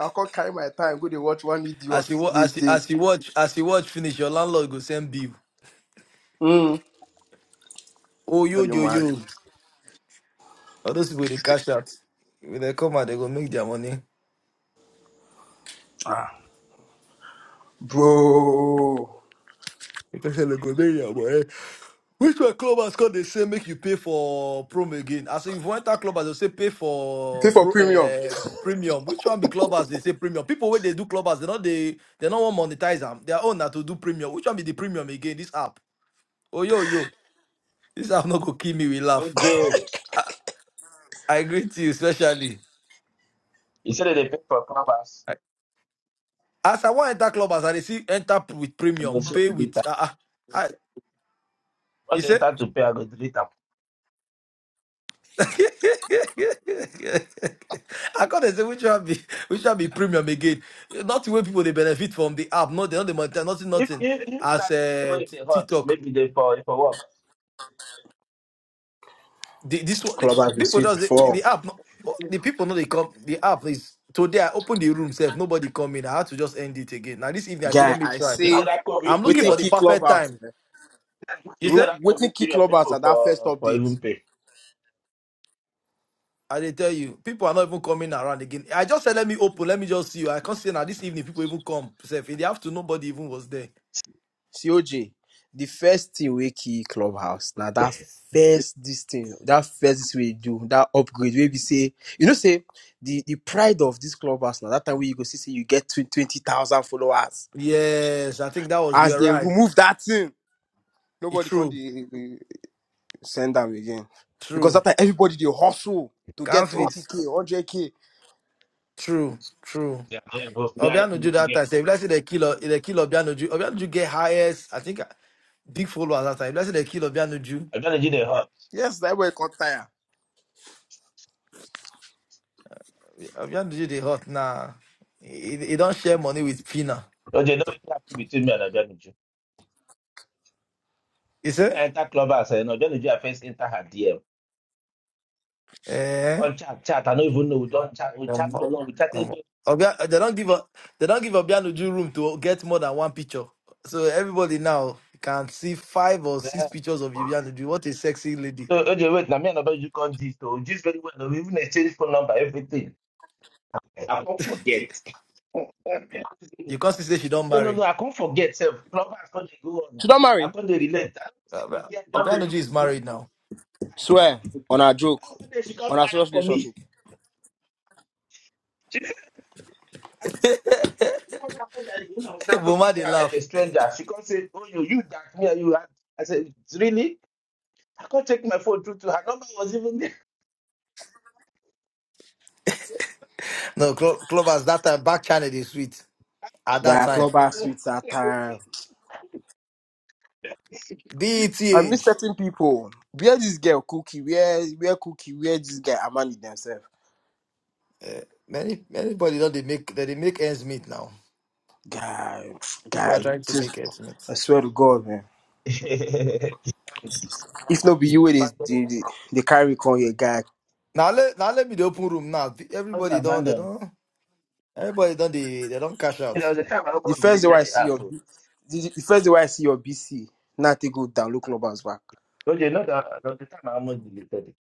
[SPEAKER 4] I can't carry my time. Go they watch one idiot.
[SPEAKER 1] As you wa-
[SPEAKER 4] They
[SPEAKER 1] as you,
[SPEAKER 4] they,
[SPEAKER 1] as you watch as you watch finish, your landlord go send bill.
[SPEAKER 4] Mm.
[SPEAKER 1] Oh yo
[SPEAKER 4] Are you
[SPEAKER 1] yo
[SPEAKER 4] man?
[SPEAKER 1] yo! All those people they cash out. When they come out, they go make their money.
[SPEAKER 4] Ah, bro.
[SPEAKER 1] They go make their money. Which one club has come? They say make you pay for prom again. I say if you want that club, as they say pay
[SPEAKER 4] Pay
[SPEAKER 1] for
[SPEAKER 4] for
[SPEAKER 1] pro,
[SPEAKER 4] premium.
[SPEAKER 1] uh, premium. Which one be club as they say premium? People when they do club as they not they they not want monetize them. Their own now to do premium. Which one be the premium again? This app. Oh yo yo, this app not go kill me. We laugh.
[SPEAKER 5] OJ,
[SPEAKER 1] I, I greet you especially.
[SPEAKER 5] you said that they pay for plumbers.
[SPEAKER 1] I- As I want enter club as I dey see enter p- with
[SPEAKER 5] I'm going
[SPEAKER 1] premium,
[SPEAKER 5] to show
[SPEAKER 1] pay
[SPEAKER 5] the
[SPEAKER 1] with.
[SPEAKER 5] data.
[SPEAKER 1] Uh, uh, I, you
[SPEAKER 5] Once they
[SPEAKER 1] say?
[SPEAKER 5] start to pay, I go delete them.
[SPEAKER 1] I can't say which one be which one be premium again. Not the way people they benefit from the app, no, they don't they monetize nothing,
[SPEAKER 5] If
[SPEAKER 1] nothing.
[SPEAKER 5] if if
[SPEAKER 1] As
[SPEAKER 5] that
[SPEAKER 1] uh,
[SPEAKER 5] way if they hot,
[SPEAKER 1] TikTok,
[SPEAKER 5] maybe they for for work.
[SPEAKER 1] the, this one, this
[SPEAKER 4] Clubhouse been
[SPEAKER 1] people
[SPEAKER 4] sweet
[SPEAKER 1] does the,
[SPEAKER 4] before.
[SPEAKER 1] the app. No, oh, the people know they come. The app is today. I open the room, safe. Nobody come in. I had to just end it again. Now this evening, I said, let
[SPEAKER 4] Guy,
[SPEAKER 1] me
[SPEAKER 4] I
[SPEAKER 1] try.
[SPEAKER 5] If na
[SPEAKER 4] say,
[SPEAKER 5] that
[SPEAKER 1] I'm
[SPEAKER 5] COVID
[SPEAKER 1] looking
[SPEAKER 4] waiting
[SPEAKER 1] for
[SPEAKER 5] period,
[SPEAKER 1] the
[SPEAKER 4] key
[SPEAKER 1] perfect
[SPEAKER 4] Clubhouse.
[SPEAKER 1] time.
[SPEAKER 4] eh.
[SPEAKER 1] You
[SPEAKER 5] if
[SPEAKER 1] say?
[SPEAKER 5] na
[SPEAKER 4] Wa-
[SPEAKER 5] that
[SPEAKER 4] Waiting
[SPEAKER 5] COVID
[SPEAKER 4] key
[SPEAKER 5] period,
[SPEAKER 4] Clubhouse
[SPEAKER 5] people
[SPEAKER 4] at that first
[SPEAKER 5] for for
[SPEAKER 4] update.
[SPEAKER 5] even pay.
[SPEAKER 1] I they tell you, people are not even coming around again. I just said, let me open, let me just see you. I can't say now this evening people even come. Safe in the afternoon, nobody even was there.
[SPEAKER 4] COJ, the first thing we key Clubhouse. Now that first this thing, that first this we do, that upgrade, where we be say, you know, say, the, the pride of this Clubhouse now, that time we go see, say you get twen- 20,000 followers.
[SPEAKER 1] Yes, I think that was you
[SPEAKER 4] As
[SPEAKER 1] are
[SPEAKER 4] they
[SPEAKER 1] right.
[SPEAKER 4] remove that thing,
[SPEAKER 1] It's
[SPEAKER 4] nobody can
[SPEAKER 1] true,
[SPEAKER 4] the, send them again. Because
[SPEAKER 1] true.
[SPEAKER 4] that time everybody, they hustle to
[SPEAKER 1] Can't
[SPEAKER 4] get
[SPEAKER 1] fit.
[SPEAKER 4] 20K, 100K.
[SPEAKER 1] True, true.
[SPEAKER 5] Yeah, they are both. They are not
[SPEAKER 1] Obianuju
[SPEAKER 5] going to
[SPEAKER 1] that
[SPEAKER 5] get.
[SPEAKER 1] time. Say, if let's say they kill, they kill Obianuju. Obianuju get highest. I think uh, big followers that time. If let's say they kill Obianuju.
[SPEAKER 5] Adeniji dey hot.
[SPEAKER 4] Yes, that way got tired.
[SPEAKER 1] Obianuju they hot now. He, he don't share money with Pina.
[SPEAKER 5] OJ, no wetin happen between me and Adeniji.
[SPEAKER 1] You see?
[SPEAKER 5] When I enter club house, you know, Adeniji I first enter her DM. We
[SPEAKER 1] Eh?
[SPEAKER 5] come chat, chat. I no even know. We don chat. We chat
[SPEAKER 1] Omo-
[SPEAKER 5] for long. We chatted.
[SPEAKER 1] omo. Obia, they don't give a, they don't give Obianuju room to get more than one picture. So everybody now can see five or six pictures of Obianuju. What a sexy lady.
[SPEAKER 5] So, okay, wait, now me and about you can't this, so just very well. Oh, We even exchange phone number, everything. I can't forget. no,
[SPEAKER 1] You can't say she don't
[SPEAKER 5] no, no,
[SPEAKER 1] marry.
[SPEAKER 5] I can't forget. Self, club, I can't dey go on.
[SPEAKER 4] She don't
[SPEAKER 5] I
[SPEAKER 4] marry.
[SPEAKER 5] can't dey relent. I don't see the
[SPEAKER 1] Uh,
[SPEAKER 5] girl, do dey
[SPEAKER 1] Obianoji
[SPEAKER 5] look
[SPEAKER 1] is
[SPEAKER 5] me
[SPEAKER 1] married now.
[SPEAKER 5] eye.
[SPEAKER 4] Swear
[SPEAKER 5] And
[SPEAKER 4] on a joke,
[SPEAKER 5] one day she come
[SPEAKER 4] on
[SPEAKER 5] not
[SPEAKER 4] a serious
[SPEAKER 5] for me.
[SPEAKER 4] relationship.
[SPEAKER 5] She said, "Why you want to put that in?" I was talking
[SPEAKER 1] Buma
[SPEAKER 5] to
[SPEAKER 1] they
[SPEAKER 5] her like a
[SPEAKER 1] laugh.
[SPEAKER 5] stranger. She come say, Oh, you, you that me, and you had. I said, Really? I can't take my phone through to her. Number was even there.
[SPEAKER 1] No, Clo- Clovers that time back channel they sweet.
[SPEAKER 5] I
[SPEAKER 1] At that
[SPEAKER 4] Guy,
[SPEAKER 1] time,
[SPEAKER 4] club ass sweets at time.
[SPEAKER 5] apologize.
[SPEAKER 4] I miss
[SPEAKER 1] DETH.
[SPEAKER 4] certain people. Where this girl Cookie? Where where Cookie? Where this guy Amani themselves?
[SPEAKER 1] Uh, many anybody don't they make that they make ends meet now.
[SPEAKER 4] Guy,
[SPEAKER 1] People are
[SPEAKER 4] guy,
[SPEAKER 1] trying to make
[SPEAKER 4] just
[SPEAKER 1] ends meet.
[SPEAKER 4] I swear to God, man.
[SPEAKER 5] sef.
[SPEAKER 4] If not be you, it is
[SPEAKER 5] abandon
[SPEAKER 4] the
[SPEAKER 5] the
[SPEAKER 4] the, the carry con here, guy.
[SPEAKER 1] Now let now let me the open room now. Everybody
[SPEAKER 5] Not
[SPEAKER 1] don't they
[SPEAKER 5] abandon.
[SPEAKER 1] don't everybody don't they they don't cash
[SPEAKER 5] You know, there
[SPEAKER 1] out.
[SPEAKER 5] was a time I
[SPEAKER 4] The
[SPEAKER 5] almost
[SPEAKER 4] first day where
[SPEAKER 5] deleted
[SPEAKER 4] I
[SPEAKER 5] the
[SPEAKER 4] see
[SPEAKER 5] app.
[SPEAKER 4] your,
[SPEAKER 5] oh.
[SPEAKER 4] B- the, the the first day where I see your BC, now they go down, look club ass back.
[SPEAKER 5] Don't you know that there was a time I almost
[SPEAKER 1] Mm.
[SPEAKER 5] deleted it?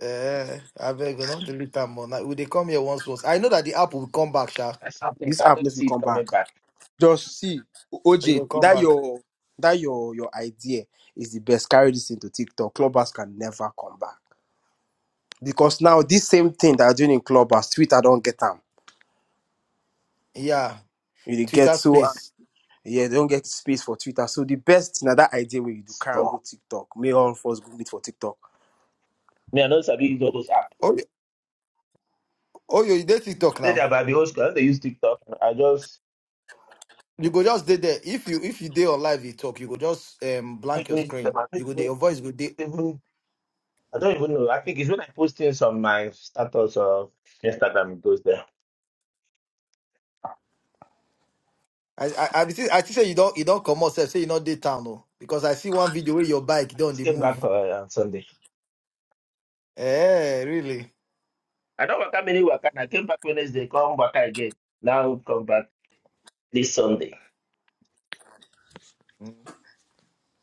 [SPEAKER 1] Eh, I beg you, not delete them more. Now, will they come here once once? I know that the app will come back, Sha.
[SPEAKER 5] That's something
[SPEAKER 4] This
[SPEAKER 5] I
[SPEAKER 4] app
[SPEAKER 5] don't
[SPEAKER 4] never
[SPEAKER 5] see it
[SPEAKER 4] come
[SPEAKER 5] coming
[SPEAKER 4] back.
[SPEAKER 5] back.
[SPEAKER 4] Just see,
[SPEAKER 1] It
[SPEAKER 4] OJ,
[SPEAKER 1] will come
[SPEAKER 4] that
[SPEAKER 1] back.
[SPEAKER 4] your that your your idea is the best. Carry this into TikTok. Clubhouse can never come back because now this same thing that are doing in Clubhouse, Twitter don't get them.
[SPEAKER 1] Yeah,
[SPEAKER 4] You dey get
[SPEAKER 1] Twitter
[SPEAKER 4] so um,
[SPEAKER 1] space.
[SPEAKER 4] yeah, they don't get space for Twitter. So the best now that idea where you do carry and
[SPEAKER 5] So,
[SPEAKER 4] go TikTok. May all of us go meet for TikTok.
[SPEAKER 5] me, I don't sabi use all those apps.
[SPEAKER 1] Oh, Oh, you dey
[SPEAKER 5] I
[SPEAKER 1] TikTok
[SPEAKER 5] did
[SPEAKER 1] now.
[SPEAKER 5] that by the old school. I don't dey use TikTok. I just
[SPEAKER 1] You go just dey there. If you if you dey on live dey talk, you go just um
[SPEAKER 5] I
[SPEAKER 1] blank your
[SPEAKER 5] don't even use them.
[SPEAKER 1] screen.
[SPEAKER 5] I
[SPEAKER 1] You
[SPEAKER 5] don't
[SPEAKER 1] go dey
[SPEAKER 5] even,
[SPEAKER 1] your voice go dey.
[SPEAKER 5] even I don't even know. I think it's when I post things on my status of Instagram, it goes there.
[SPEAKER 1] I I I be see I see say you don't you don't come out sef, say you not dey town o. Because I see one video where your bike
[SPEAKER 5] I
[SPEAKER 1] don
[SPEAKER 5] just
[SPEAKER 1] dey
[SPEAKER 5] came back
[SPEAKER 1] move.
[SPEAKER 5] uh, on Sunday.
[SPEAKER 1] Eh, really?
[SPEAKER 5] I don't work out many work. I came back Wednesday, come back again. Now come back this Sunday.
[SPEAKER 1] Mm.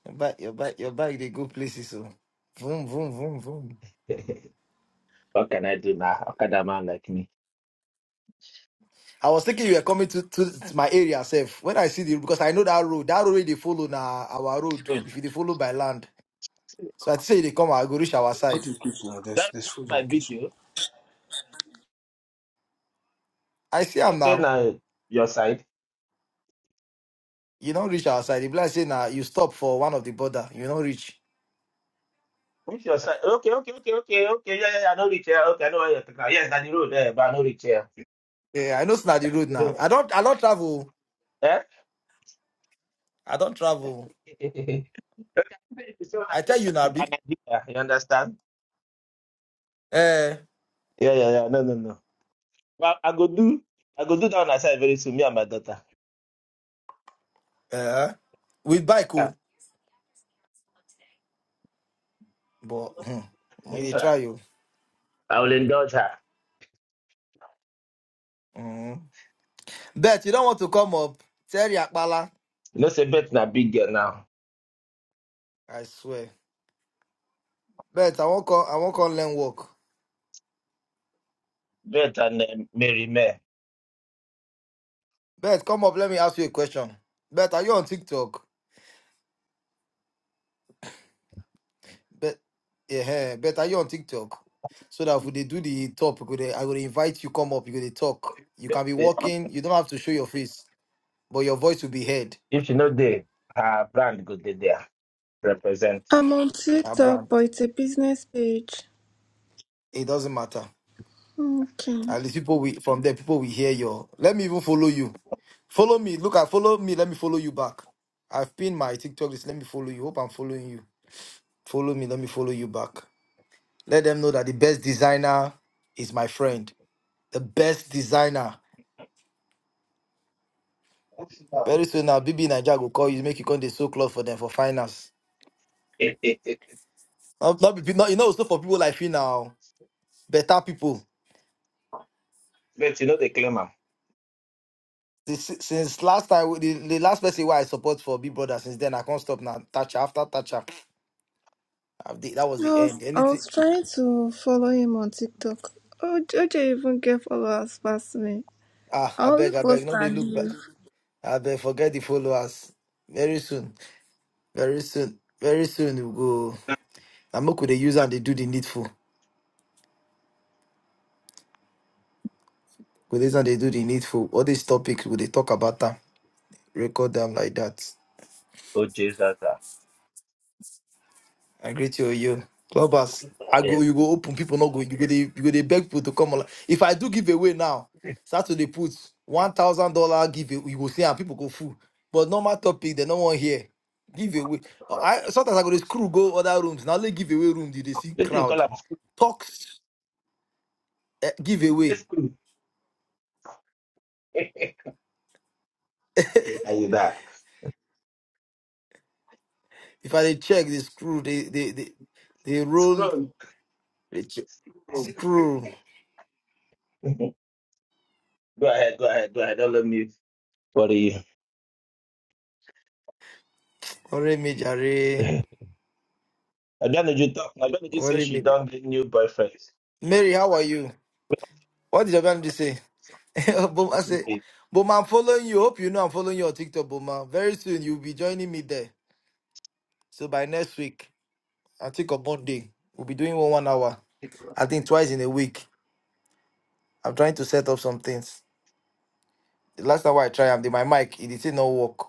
[SPEAKER 1] Your bike your bike your bike dey go places o. Vroom vroom vroom vroom.
[SPEAKER 5] What can I do now? How can a man like me?
[SPEAKER 1] I was thinking you were coming to, to my area sef. When I see the because I know that road, that road wey they follow na our road.
[SPEAKER 5] Mm.
[SPEAKER 1] If you dey follow by land, so I think say you dey come, I go reach our
[SPEAKER 4] What
[SPEAKER 1] side.
[SPEAKER 4] is kitchen? There's
[SPEAKER 5] That's
[SPEAKER 4] there's food in
[SPEAKER 5] my
[SPEAKER 4] the kitchen.
[SPEAKER 5] video.
[SPEAKER 1] I see
[SPEAKER 5] Okay,
[SPEAKER 1] am
[SPEAKER 5] okay,
[SPEAKER 1] now.
[SPEAKER 5] now your side.
[SPEAKER 1] You don't reach our side. If like say now you stop for one of the border, you don't reach.
[SPEAKER 5] Which your side? Okay, okay, okay, okay, okay. Yeah, yeah, yeah, I know reach here. Okay, I know where you're talking about. Yes, down the road there, but I know reach here.
[SPEAKER 1] Yeah, I know it's not the road now. I don't I don't travel.
[SPEAKER 5] Eh?
[SPEAKER 1] I don't travel.
[SPEAKER 5] okay, so I
[SPEAKER 1] I tell
[SPEAKER 5] place
[SPEAKER 1] you
[SPEAKER 5] at
[SPEAKER 1] now, B.
[SPEAKER 5] Banadilla. You understand?
[SPEAKER 1] Eh,
[SPEAKER 5] Yeah, yeah, yeah. No, no, no. Well, I go do. I go do that on my side very soon. Me and my daughter.
[SPEAKER 1] eh, with bike,
[SPEAKER 5] Yeah.
[SPEAKER 1] oh, but hmm, when
[SPEAKER 5] Indulge
[SPEAKER 1] you try
[SPEAKER 5] her.
[SPEAKER 1] you.
[SPEAKER 5] I will indulge her.
[SPEAKER 1] Mm. Bet you don't want to come up. Terry Akbala.
[SPEAKER 5] You know, say Bet na big girl now.
[SPEAKER 1] I swear. Bet I won't come I won't come learn work.
[SPEAKER 5] Bet and um, Mary May.
[SPEAKER 1] Bet come up, let me ask you a question. Bet are you on TikTok? But yeah, but are you on TikTok? So that if they do the top, you go dey- I will invite you come up, you go dey talk. You
[SPEAKER 5] Beth
[SPEAKER 1] can be
[SPEAKER 5] dey-
[SPEAKER 1] walking, you don't have to show your face, but your voice will be heard.
[SPEAKER 5] If she know there, her brand go dey there. Represent.
[SPEAKER 6] I'm on
[SPEAKER 1] Ah,
[SPEAKER 6] TikTok,
[SPEAKER 1] brand.
[SPEAKER 6] but it's a business page.
[SPEAKER 1] It doesn't matter.
[SPEAKER 6] Okay.
[SPEAKER 1] At least people we from there, people will hear your let me even follow you. Follow me. Look at follow me, let me follow you back. I've pinned my TikTok list. Let me follow you. Hope I'm following you. Follow me, let me follow you back. Let them know that the best designer is my friend. The best designer. Very soon now, BB Nigeria will call you, make you come the so club for them for finance.
[SPEAKER 5] It, it, it,
[SPEAKER 1] Not, not, be- pe- not, you know, also for people like you now, better people.
[SPEAKER 5] but you know they claim am.
[SPEAKER 1] This, since last time, the, the last person why I support for Big Brother, since then I can't stop now. Thatcher after Thatcher, I did- that was
[SPEAKER 6] I
[SPEAKER 1] the
[SPEAKER 6] was
[SPEAKER 1] end.
[SPEAKER 6] I
[SPEAKER 1] Anything,
[SPEAKER 6] was trying to follow him on TikTok. Oh, OJ even get followers past me.
[SPEAKER 1] ah,
[SPEAKER 6] I
[SPEAKER 1] I
[SPEAKER 6] only
[SPEAKER 1] beg, I beg,
[SPEAKER 6] post
[SPEAKER 1] no, they
[SPEAKER 6] and
[SPEAKER 1] look back.
[SPEAKER 6] leave.
[SPEAKER 1] I beg, forget the followers. Very soon, very soon, very soon we go. I'm not they use and they do the needful. With they use and they do the needful. All these topics, would they talk about them? Record them like that.
[SPEAKER 5] Oh Jesus, ah.
[SPEAKER 1] I greet you, you. Clubhouse, I go,
[SPEAKER 5] yes.
[SPEAKER 1] you go open, people not go, you go, they, you go, they beg people to come. online. If I do giveaway now, Saturday put $1,000 giveaway, you go see, and people go full. But normal topic, they no one here. Giveaway. Uh,
[SPEAKER 5] What
[SPEAKER 1] I Sometimes I go to screw, go other rooms. Now they giveaway room, did they see
[SPEAKER 5] do you call
[SPEAKER 1] crowd?
[SPEAKER 5] am? Screw.
[SPEAKER 1] Talks, uh,
[SPEAKER 5] Say
[SPEAKER 1] giveaway.
[SPEAKER 5] screw. Are you that?
[SPEAKER 1] If I dey check the screw, they, they, they, they roll,
[SPEAKER 5] Screw.
[SPEAKER 1] they check.
[SPEAKER 5] go
[SPEAKER 1] screw.
[SPEAKER 5] ahead, go ahead, go ahead. Don't let me worry you.
[SPEAKER 1] Ore me jare.
[SPEAKER 5] I don't need you talk. I don't need you
[SPEAKER 1] Ore
[SPEAKER 5] say she
[SPEAKER 1] me.
[SPEAKER 5] don't get new boyfriends.
[SPEAKER 1] Mary, how are you? What did your family say? Boma, I said, Boma, I'm following you. Hope you know I'm following you on TikTok, Boma. Very soon you'll be joining me there. So by next week, I think on Monday, we'll be doing one one hour. I think twice in a week. I'm trying to set up some things. The last time I tried, I did my mic. It did still not work.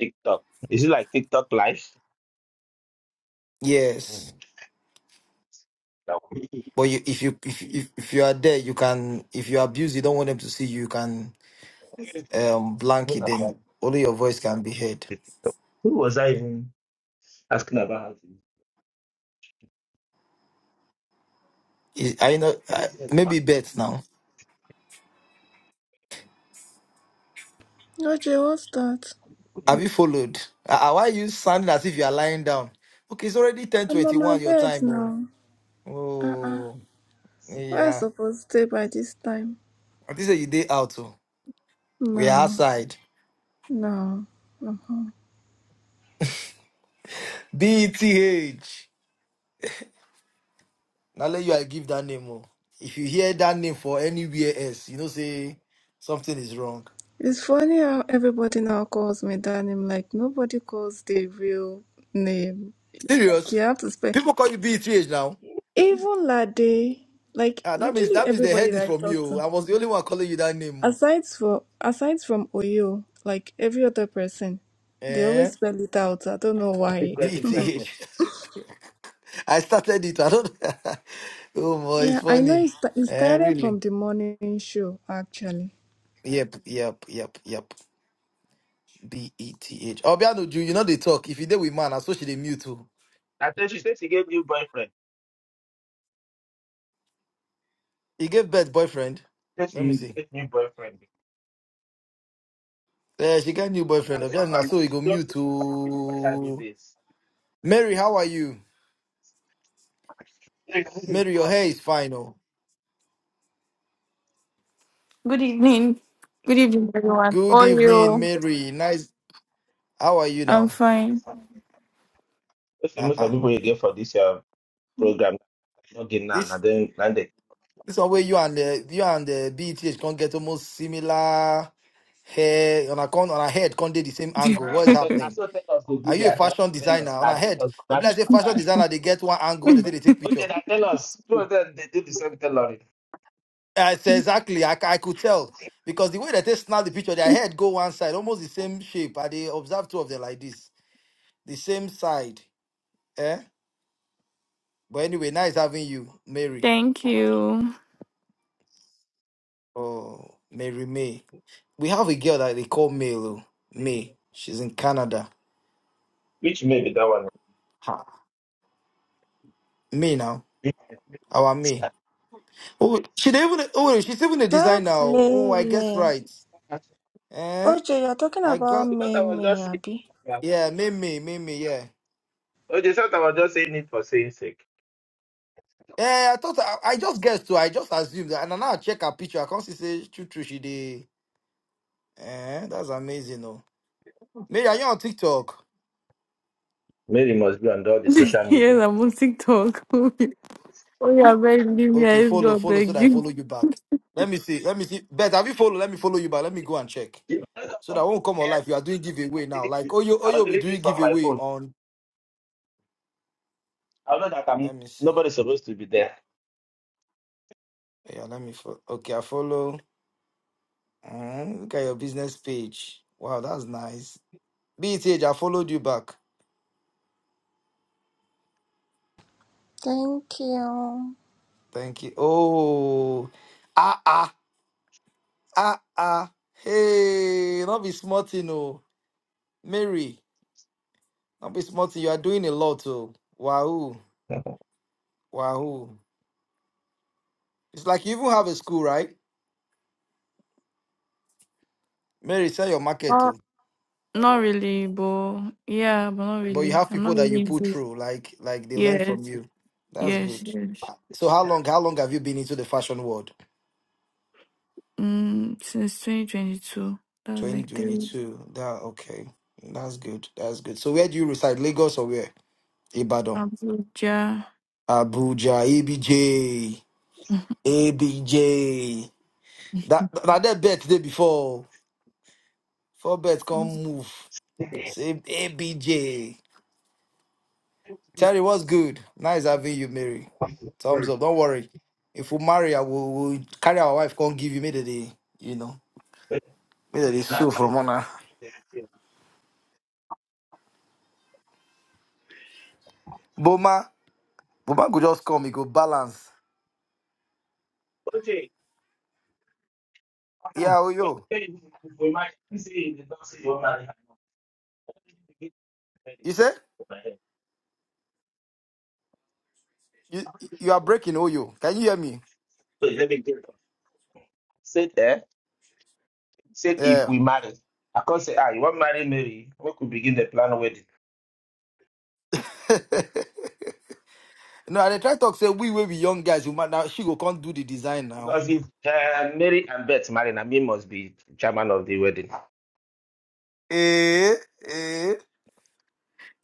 [SPEAKER 5] TikTok. Is it like TikTok live?
[SPEAKER 1] Yes,
[SPEAKER 5] Mm. No. Even
[SPEAKER 1] but you, if you if, if if you are there, you can. If you abuse, you don't want them to see you. You can um blank it.
[SPEAKER 5] after
[SPEAKER 1] Then only your voice can be heard.
[SPEAKER 5] the TikTok. Who was I even asking about?
[SPEAKER 1] Is, I know. I, maybe bet now.
[SPEAKER 6] OJ, what's that?
[SPEAKER 1] Have you followed? Ah, ah, why you sounding as if you are lying down? Okay, it's already
[SPEAKER 6] I'm on my
[SPEAKER 1] 1021 your
[SPEAKER 6] bed
[SPEAKER 1] time. Oh,
[SPEAKER 6] now. Uh-uh.
[SPEAKER 1] oh
[SPEAKER 6] Where I
[SPEAKER 1] yeah.
[SPEAKER 6] supposed to stay by this time?
[SPEAKER 1] I think say you day out. Oh. We are
[SPEAKER 6] No.
[SPEAKER 1] outside.
[SPEAKER 6] No. Uh-huh.
[SPEAKER 1] BTH. Now let you I give that name. Oh. If you hear that name for anywhere else, you know say something is wrong.
[SPEAKER 6] It's funny how everybody now calls me that name. Like, nobody calls the real name. Like, you
[SPEAKER 1] Serious?
[SPEAKER 6] have to spell.
[SPEAKER 1] People call you BTH now.
[SPEAKER 6] Even Lade, like
[SPEAKER 1] Ah, that means
[SPEAKER 6] literally
[SPEAKER 1] that means they
[SPEAKER 6] everybody
[SPEAKER 1] heard it
[SPEAKER 6] that I
[SPEAKER 1] from
[SPEAKER 6] talk
[SPEAKER 1] you. oh.
[SPEAKER 6] to,
[SPEAKER 1] I was the only one calling you that name. oh.
[SPEAKER 6] aside for aside from Oyo, like every other person, they
[SPEAKER 1] Eh?
[SPEAKER 6] always spell it out. I don't know
[SPEAKER 5] Not the
[SPEAKER 6] why.
[SPEAKER 5] pregnant,
[SPEAKER 1] BTH.
[SPEAKER 5] pregnant.
[SPEAKER 1] I started it. I don't. oh boy, it's
[SPEAKER 6] Yeah, I know
[SPEAKER 1] funny.
[SPEAKER 6] it, sta- it
[SPEAKER 1] Eh,
[SPEAKER 6] started
[SPEAKER 1] really?
[SPEAKER 6] from the morning show actually.
[SPEAKER 1] Yep, yep, yep, yep. B E T H. Obiano Ju, you know they talk. If you did with man, I so she dey mute too.
[SPEAKER 5] I thought she said she gave new boyfriend.
[SPEAKER 1] He gave birth boyfriend.
[SPEAKER 5] She said
[SPEAKER 1] Let me
[SPEAKER 5] she
[SPEAKER 1] see.
[SPEAKER 5] gave new boyfriend.
[SPEAKER 1] Eh, she got new boyfriend.
[SPEAKER 5] That's what
[SPEAKER 1] Obiano na
[SPEAKER 5] I'm
[SPEAKER 1] so he
[SPEAKER 5] She
[SPEAKER 1] go mute
[SPEAKER 5] just happy to find her these
[SPEAKER 1] too.
[SPEAKER 5] days.
[SPEAKER 1] Mary, how are you? Mary, your hair is fine. Oh,
[SPEAKER 7] Good evening. Good evening, everyone. How
[SPEAKER 1] good
[SPEAKER 7] are
[SPEAKER 1] evening,
[SPEAKER 7] you?
[SPEAKER 1] Mary. Nice. How are you
[SPEAKER 7] I'm
[SPEAKER 1] now?
[SPEAKER 7] fine.
[SPEAKER 5] That's the
[SPEAKER 1] Ah
[SPEAKER 5] most of
[SPEAKER 1] ah.
[SPEAKER 5] people you get for this uh, program. Not getting now.
[SPEAKER 1] This
[SPEAKER 5] Now then, now they.
[SPEAKER 1] this one where you and the you and the BETH can get almost similar. hair on her con on her head can't do the same angle. What is
[SPEAKER 5] I said, now
[SPEAKER 1] happening?
[SPEAKER 5] so tell us they do
[SPEAKER 1] Are you a
[SPEAKER 5] their hair.
[SPEAKER 1] fashion
[SPEAKER 5] Tell
[SPEAKER 1] designer
[SPEAKER 5] us,
[SPEAKER 1] on
[SPEAKER 5] now
[SPEAKER 1] her head?
[SPEAKER 5] tell us, now
[SPEAKER 1] If let's say
[SPEAKER 5] tell us
[SPEAKER 1] fashion
[SPEAKER 5] time.
[SPEAKER 1] designer, they get one angle where they say they take picture.
[SPEAKER 5] Okay, now tell us. Two of them, they do the same thing, Lori.
[SPEAKER 1] I say exactly. I, c- I could tell because the way that they snap the picture, their head go one side, almost the same shape. I they observe two of them like this, the same side. Eh? But anyway, nice having you, Mary.
[SPEAKER 7] Thank you.
[SPEAKER 1] Oh, Mary May. We have a girl that they call May. oh,
[SPEAKER 5] They do
[SPEAKER 1] May.
[SPEAKER 5] that.
[SPEAKER 1] She's in Canada.
[SPEAKER 5] Which may be that one.
[SPEAKER 1] Ha. May now. Our May.
[SPEAKER 5] Yeah.
[SPEAKER 1] Oh, she didn't even. Oh, she's even a designer.
[SPEAKER 6] That's
[SPEAKER 1] Oh,
[SPEAKER 6] May
[SPEAKER 1] I guess
[SPEAKER 6] May.
[SPEAKER 1] right. Eh,
[SPEAKER 6] OJ, you're talking
[SPEAKER 1] I
[SPEAKER 6] about
[SPEAKER 1] got.
[SPEAKER 5] You thought I
[SPEAKER 6] May
[SPEAKER 5] was
[SPEAKER 6] May,
[SPEAKER 5] just saying.
[SPEAKER 6] Abby.
[SPEAKER 5] Yeah.
[SPEAKER 1] Yeah, Mimi, Mimi, yeah.
[SPEAKER 5] Oh, they thought I was just saying it for saying sake.
[SPEAKER 1] Eh, I thought I, I just guessed too. I just assumed that, and now I check her picture. I can't see say true, true. She did. Eh, that's amazing. Oh, Mary, are you on TikTok?
[SPEAKER 5] Mary must be on all the social media.
[SPEAKER 7] yes, I'm on TikTok. oh,
[SPEAKER 5] You
[SPEAKER 7] yeah, beg leave me.
[SPEAKER 1] Okay,
[SPEAKER 7] I just
[SPEAKER 1] follow,
[SPEAKER 7] got
[SPEAKER 1] follow, so
[SPEAKER 7] beg
[SPEAKER 1] that I
[SPEAKER 7] you.
[SPEAKER 1] follow you back. Let me see. Let me see. Bet, have you follow? Let me follow you back. Let me go and check.
[SPEAKER 5] know, that's what
[SPEAKER 1] So
[SPEAKER 5] I'm
[SPEAKER 1] that
[SPEAKER 5] talking
[SPEAKER 1] won't
[SPEAKER 5] about,
[SPEAKER 1] come
[SPEAKER 5] man,
[SPEAKER 1] alive. You are doing giveaway
[SPEAKER 5] I'll
[SPEAKER 1] now.
[SPEAKER 5] delete
[SPEAKER 1] Like,
[SPEAKER 5] it.
[SPEAKER 1] oh, you, oh,
[SPEAKER 5] I'll
[SPEAKER 1] you'll be
[SPEAKER 5] delete
[SPEAKER 1] doing
[SPEAKER 5] it from my
[SPEAKER 1] giveaway
[SPEAKER 5] phone.
[SPEAKER 1] on.
[SPEAKER 5] I know that I'm
[SPEAKER 1] Let me see.
[SPEAKER 5] nobody's supposed to be there.
[SPEAKER 1] Yeah, let me. follow okay, I follow. Eh, look at your business page. Wow, that's nice. BTH, I followed you back.
[SPEAKER 6] Thank you.
[SPEAKER 1] Thank you. Oh, ah, ah, ah, ah. Hey, not be smarting, oh. Mary, not be smarting. You are doing a lot, oh. Wahoo, wahoo. It's like you even have a school, right? Mary, sell your market
[SPEAKER 7] Not,
[SPEAKER 1] too.
[SPEAKER 7] not really, but yeah, but not
[SPEAKER 1] But you
[SPEAKER 7] really.
[SPEAKER 1] have
[SPEAKER 7] I'm
[SPEAKER 1] people
[SPEAKER 7] not
[SPEAKER 1] that you
[SPEAKER 7] really
[SPEAKER 1] put
[SPEAKER 7] into it.
[SPEAKER 1] through, like like they learn from
[SPEAKER 7] Yes,
[SPEAKER 1] you. That's
[SPEAKER 7] yes,
[SPEAKER 1] good.
[SPEAKER 7] yes.
[SPEAKER 1] Ah, So how long, how long have you been into the fashion world?
[SPEAKER 7] Mm, since 2022. That's like three.
[SPEAKER 1] 2022. That okay. That's good. That's good. So where do you reside? Lagos or where? Ibadan.
[SPEAKER 7] Abuja.
[SPEAKER 1] Abuja, ABJ, ABJ. That that that bet day before. Four bets come move. Same ABJ. Terry, what's good? Nice having you, Mary. Thumbs
[SPEAKER 5] Sorry.
[SPEAKER 1] up. Don't worry. If we marry, I will will carry our wife. Come give you maybe the you know maybe the sue from honor.
[SPEAKER 5] OJ,
[SPEAKER 1] Boma, Boma could just come. He go balance.
[SPEAKER 5] what do
[SPEAKER 1] Yeah, oh
[SPEAKER 5] you
[SPEAKER 1] yo.
[SPEAKER 5] think we might say in the dance you want
[SPEAKER 1] You say? You you are breaking, Oyo. Can you hear me?
[SPEAKER 5] Let me get it. Said there, said if
[SPEAKER 1] Yeah.
[SPEAKER 5] we marry. I can't say, ah, you want marry Mary, we could begin the plan wedding.
[SPEAKER 1] no, I dey try talk say we will be young guys. You might now she go can't do the design now.
[SPEAKER 5] Because if uh, Mary and Beth marry, I mean must be chairman of the wedding.
[SPEAKER 1] Eh eh.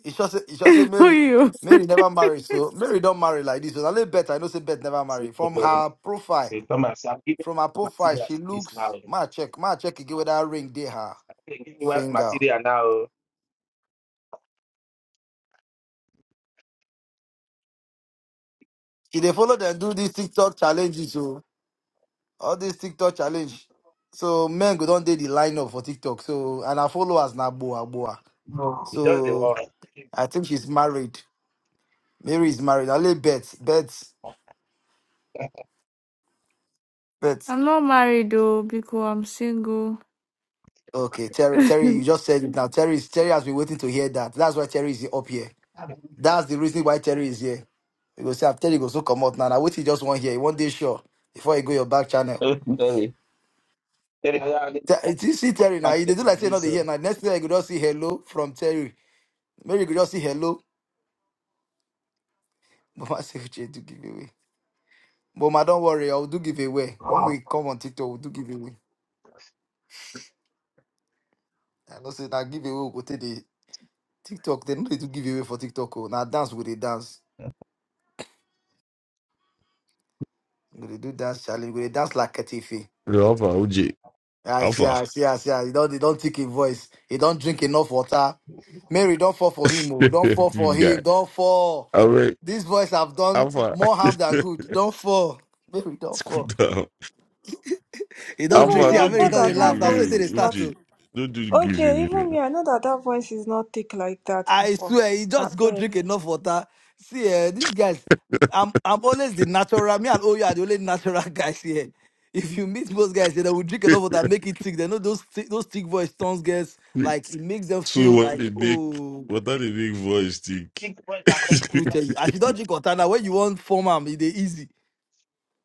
[SPEAKER 1] It's just it's just say
[SPEAKER 7] Who
[SPEAKER 1] Mary
[SPEAKER 7] you?
[SPEAKER 1] Mary never marry, so Mary don't marry like this. So I bet I know say bet never marry. From her profile,
[SPEAKER 5] They told my son, give me
[SPEAKER 1] from her
[SPEAKER 5] I
[SPEAKER 1] profile,
[SPEAKER 5] said, I'm giving you material
[SPEAKER 1] she
[SPEAKER 5] this now.
[SPEAKER 1] looks. Ma check, ma check again with that ring there, her
[SPEAKER 5] I said, give me what
[SPEAKER 1] finger.
[SPEAKER 5] material now.
[SPEAKER 1] She they follow them do these TikTok challenges, so. all this TikTok challenge. So men go don't date the lineup for TikTok. So and her followers na boa boa.
[SPEAKER 5] No. It does the
[SPEAKER 1] So
[SPEAKER 5] work.
[SPEAKER 1] I think she's married. Mary is married. I lay bet, bet, bet.
[SPEAKER 7] I'm not married though, because I'm single.
[SPEAKER 1] Okay, Terry, Terry, you just said it now. Terry, is- Terry has been waiting to hear that. That's why Terry is up here. That's the reason why Terry is here. You go say, "Ah, Terry go so come out now. Now wait, till just one here. One day sure before you go your back channel.
[SPEAKER 5] Very. Very Sorry, yeah,
[SPEAKER 1] Te- You see Terry now. They
[SPEAKER 5] material
[SPEAKER 1] do like
[SPEAKER 5] like
[SPEAKER 1] say
[SPEAKER 5] this.
[SPEAKER 1] not here
[SPEAKER 5] So.
[SPEAKER 1] now. Next thing you go just see hello from Terry. Mary go just see hello. Mama say, "Uche, do give away." But ma, don't worry, I will do giveaway. When
[SPEAKER 5] Wow.
[SPEAKER 1] we come on TikTok, we'll do giveaway. I know say that giveaway we go take the TikTok. They no dey do giveaway for TikTok. Oh. Now dance with the dance. We dey do dance challenge. We dey dance like Katifi.
[SPEAKER 8] You know, Alpha OG.
[SPEAKER 1] I see,
[SPEAKER 8] Alpha.
[SPEAKER 1] I see, I see. He don't, he don't take him voice. He don't drink enough water. Mary, don't fall for him. Oh. Don't fall
[SPEAKER 8] if
[SPEAKER 1] for
[SPEAKER 8] you
[SPEAKER 1] him.
[SPEAKER 8] got
[SPEAKER 1] Don't fall.
[SPEAKER 8] all right.
[SPEAKER 1] This voice have done
[SPEAKER 8] Alpha.
[SPEAKER 1] more harm than good. Don't fall. Mary, don't
[SPEAKER 8] School
[SPEAKER 1] fall.
[SPEAKER 8] down.
[SPEAKER 1] He don't drink.
[SPEAKER 6] Even
[SPEAKER 8] Alpha,
[SPEAKER 6] me,
[SPEAKER 1] See,
[SPEAKER 8] no
[SPEAKER 1] ah,
[SPEAKER 6] I
[SPEAKER 1] Mary
[SPEAKER 6] know
[SPEAKER 8] do
[SPEAKER 1] don't dey
[SPEAKER 6] that
[SPEAKER 8] give
[SPEAKER 1] laugh.
[SPEAKER 6] that
[SPEAKER 1] That's why
[SPEAKER 6] voice
[SPEAKER 8] it
[SPEAKER 1] they
[SPEAKER 6] is
[SPEAKER 8] away.
[SPEAKER 6] not.
[SPEAKER 1] start.
[SPEAKER 8] OG. No do
[SPEAKER 6] OJ,
[SPEAKER 8] give
[SPEAKER 6] even me, I
[SPEAKER 8] it
[SPEAKER 6] know that that voice is not thick like that
[SPEAKER 1] I
[SPEAKER 6] before.
[SPEAKER 1] swear, he
[SPEAKER 6] I
[SPEAKER 1] just go
[SPEAKER 6] beg.
[SPEAKER 1] drink enough water. See, eh, these guys, I'm I'm always the natural. Me and Oya are the only natural guys here. If you meet most guys, they will drink enough water, and make it thick. They know those thi- those thick voice tones girls,
[SPEAKER 8] away.
[SPEAKER 1] like it makes them
[SPEAKER 8] so
[SPEAKER 1] feel
[SPEAKER 8] what
[SPEAKER 1] like,
[SPEAKER 8] they make
[SPEAKER 1] oh,
[SPEAKER 8] what are the big voice think?
[SPEAKER 5] Six points are
[SPEAKER 1] who
[SPEAKER 5] to
[SPEAKER 1] tell you? I should not drink water now. When you want form am, they easy.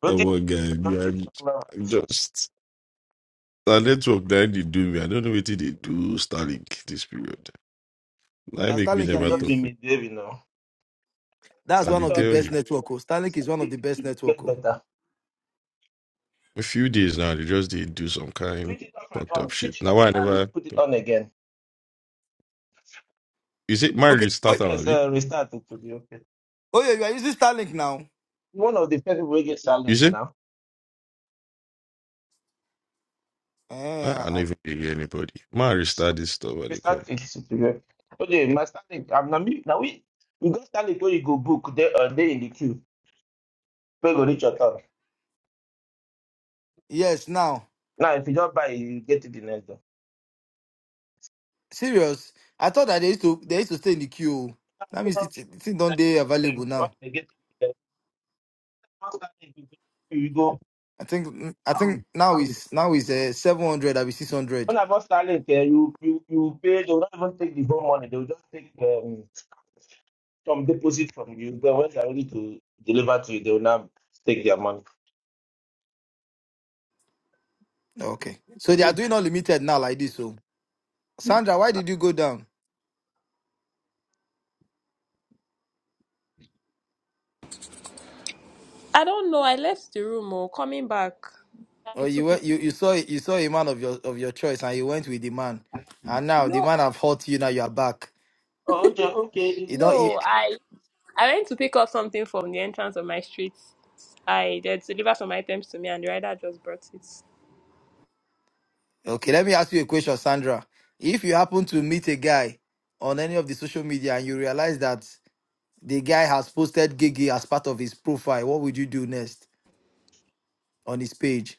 [SPEAKER 5] But
[SPEAKER 8] Come
[SPEAKER 5] it-
[SPEAKER 8] on guys, we
[SPEAKER 5] don't
[SPEAKER 8] are
[SPEAKER 5] do for club. Yes,
[SPEAKER 8] just our network that they do me. I don't know what they do Starlink this period.
[SPEAKER 5] I
[SPEAKER 8] That
[SPEAKER 1] And
[SPEAKER 8] make me
[SPEAKER 1] Starlink you they
[SPEAKER 5] have
[SPEAKER 8] never
[SPEAKER 5] just
[SPEAKER 8] talk.
[SPEAKER 1] use.
[SPEAKER 5] been misbehaving now. You
[SPEAKER 1] That's
[SPEAKER 8] I
[SPEAKER 5] Start
[SPEAKER 1] one
[SPEAKER 8] they
[SPEAKER 1] of
[SPEAKER 5] your,
[SPEAKER 1] the
[SPEAKER 8] tell
[SPEAKER 5] you
[SPEAKER 8] you.
[SPEAKER 1] best
[SPEAKER 5] start,
[SPEAKER 1] network. Oh.
[SPEAKER 5] you
[SPEAKER 1] Starlink is
[SPEAKER 5] start
[SPEAKER 1] one of the
[SPEAKER 5] it,
[SPEAKER 1] best
[SPEAKER 5] it
[SPEAKER 1] network. Oh.
[SPEAKER 5] get better.
[SPEAKER 8] a few days now, they just did do some kind
[SPEAKER 5] Switch it off and
[SPEAKER 8] fucked up
[SPEAKER 5] on.
[SPEAKER 8] shit.
[SPEAKER 5] Switch it
[SPEAKER 8] Now
[SPEAKER 5] off
[SPEAKER 8] why I
[SPEAKER 5] and
[SPEAKER 8] never
[SPEAKER 5] put it on again.
[SPEAKER 8] is it my
[SPEAKER 1] Okay. Oh,
[SPEAKER 8] restart
[SPEAKER 5] Yes,
[SPEAKER 8] Abi?
[SPEAKER 5] uh, restart it to be okay.
[SPEAKER 1] oh yeah, you are using Starlink now.
[SPEAKER 5] One of the first people we get
[SPEAKER 8] You
[SPEAKER 5] Starlink
[SPEAKER 8] say
[SPEAKER 5] now.
[SPEAKER 1] Eh,
[SPEAKER 8] I, I
[SPEAKER 1] I- I-
[SPEAKER 8] never hear anybody. My restart this stuff what they call.
[SPEAKER 5] Starlink is secure. Okay, my Starlink. I'm now me. Now we you go Starlink where you go book there uh, there in the queue. Where you go reach your turn.
[SPEAKER 1] yes, now.
[SPEAKER 5] Now if you don't buy, you get it the next day.
[SPEAKER 1] Serious? I thought that they used to they used to stay in the queue.
[SPEAKER 5] Ah,
[SPEAKER 1] That
[SPEAKER 5] no
[SPEAKER 1] means
[SPEAKER 5] problem.
[SPEAKER 1] it's it's don't
[SPEAKER 5] Like,
[SPEAKER 1] they available
[SPEAKER 5] um, when
[SPEAKER 1] now.
[SPEAKER 5] I get it, uh, first Starlink, You go. you go,
[SPEAKER 1] I think I think
[SPEAKER 5] um,
[SPEAKER 1] now
[SPEAKER 5] um.
[SPEAKER 1] is now is uh, seven hundred. I be six hundred.
[SPEAKER 5] When I bought Starlink, uh, you you you pay. They will not even take the whole money. They will just take um, some deposit from you. But when they are ready to deliver to you, they will now take their money.
[SPEAKER 1] Okay. So they are
[SPEAKER 5] Oh,
[SPEAKER 1] doing unlimited now like this. So Sandra, why did you go down?
[SPEAKER 3] I don't know. I left the room or coming back.
[SPEAKER 1] Or
[SPEAKER 3] It
[SPEAKER 1] you
[SPEAKER 3] took me
[SPEAKER 1] went you, you saw you saw a man of your of your choice and you went with the man, and now the
[SPEAKER 3] No.
[SPEAKER 1] man have hurt you. Now you are back.
[SPEAKER 5] okay,
[SPEAKER 1] You
[SPEAKER 5] okay.
[SPEAKER 1] don't. You,
[SPEAKER 3] No, I I went to pick up something from the entrance of my street. I they delivered some items to me and the rider just brought it.
[SPEAKER 1] okay. Let me ask you a question, Sandra. If you happen to meet a guy on any of the social media and you realize that The guy has posted Gigi as part of his profile. What would you do next on his page?